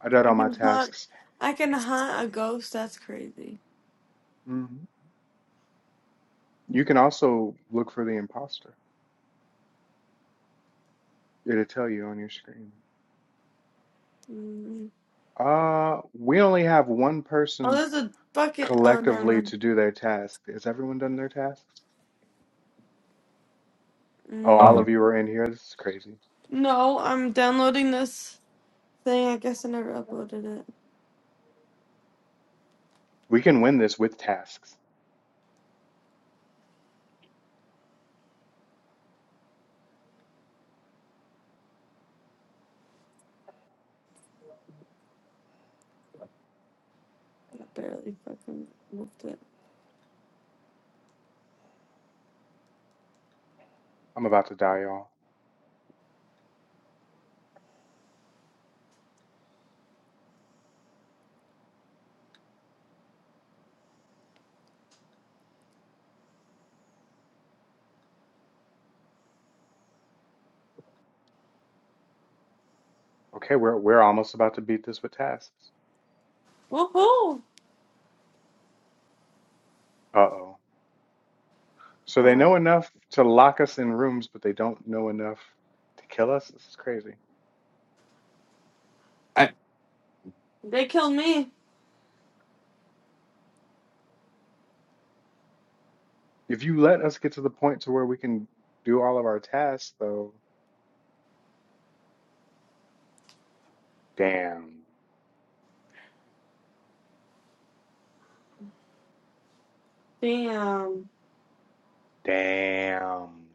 A: I did
B: I
A: all my
B: can hunt.
A: tasks.
B: I can hunt a ghost. That's crazy.
A: hmm You can also look for the imposter. It'll tell you on your screen.
B: Mm.
A: Uh, we only have one
B: Oh,
A: person
B: there's a bucket. Oh, never
A: collectively
B: mind.
A: to do their task. Has everyone done their tasks? Oh,
B: Mm,
A: all
C: Oh.
A: of
B: No,
A: you are in here. This is crazy.
B: no, I'm downloading this thing. I guess I never uploaded it.
A: We can win this with tasks.
B: I barely fucking moved it.
A: I'm about to die, y'all. Okay, we're we're almost about to beat this with tasks.
B: Woohoo!
A: Uh-oh. So they
B: Oh,
A: know enough to lock us in rooms, but they don't know enough to kill us. This is crazy.
B: they killed me.
A: If you let us get to the point to where we can do all of our tasks, though, damn,
B: Damn.
A: damn,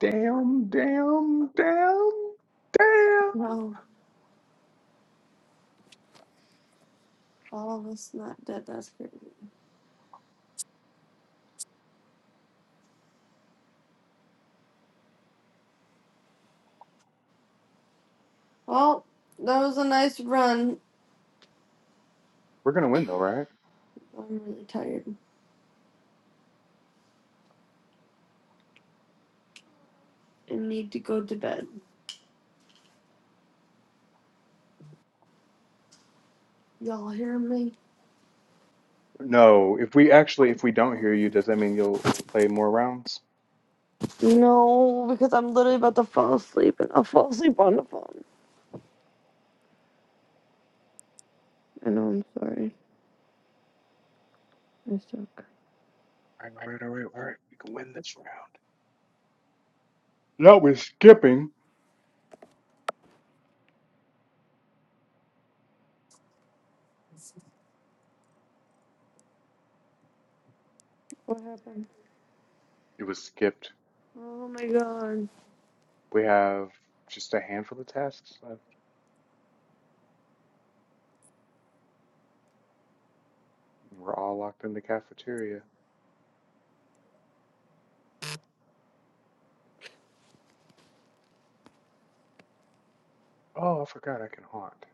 A: damn, damn, damn, damn.
B: No, all of us not dead. That's crazy. Well, that was a nice run.
A: We're gonna win though, right?
B: I'm really tired and need to go to bed. Y'all hear me?
A: No, if we actually, if we don't hear you, does that mean you'll play more rounds?
B: No, because I'm literally about to fall asleep and I'll fall asleep on the phone. I know, I'm sorry. I suck.
A: All right, all right, all right, all right. We can win this round. No, we're skipping.
B: What happened?
A: It was skipped.
B: Oh my god.
A: We have just a handful of tasks left. We're all locked in the cafeteria. Oh, I forgot I can haunt.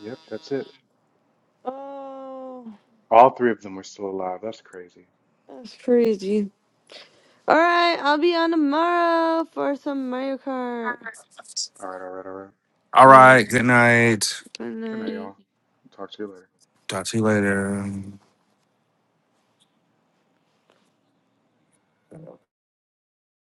A: Yep, that's it.
B: Oh,
A: All three of them are still alive. That's crazy.
B: that's crazy. Alright, I'll be on tomorrow for some Mario Kart.
A: All right, all right, all right.
C: All
B: Alright,
C: right. Good night.
B: good
A: Good night,
B: night.
A: y'all. Talk to you later.
C: Talk to you later.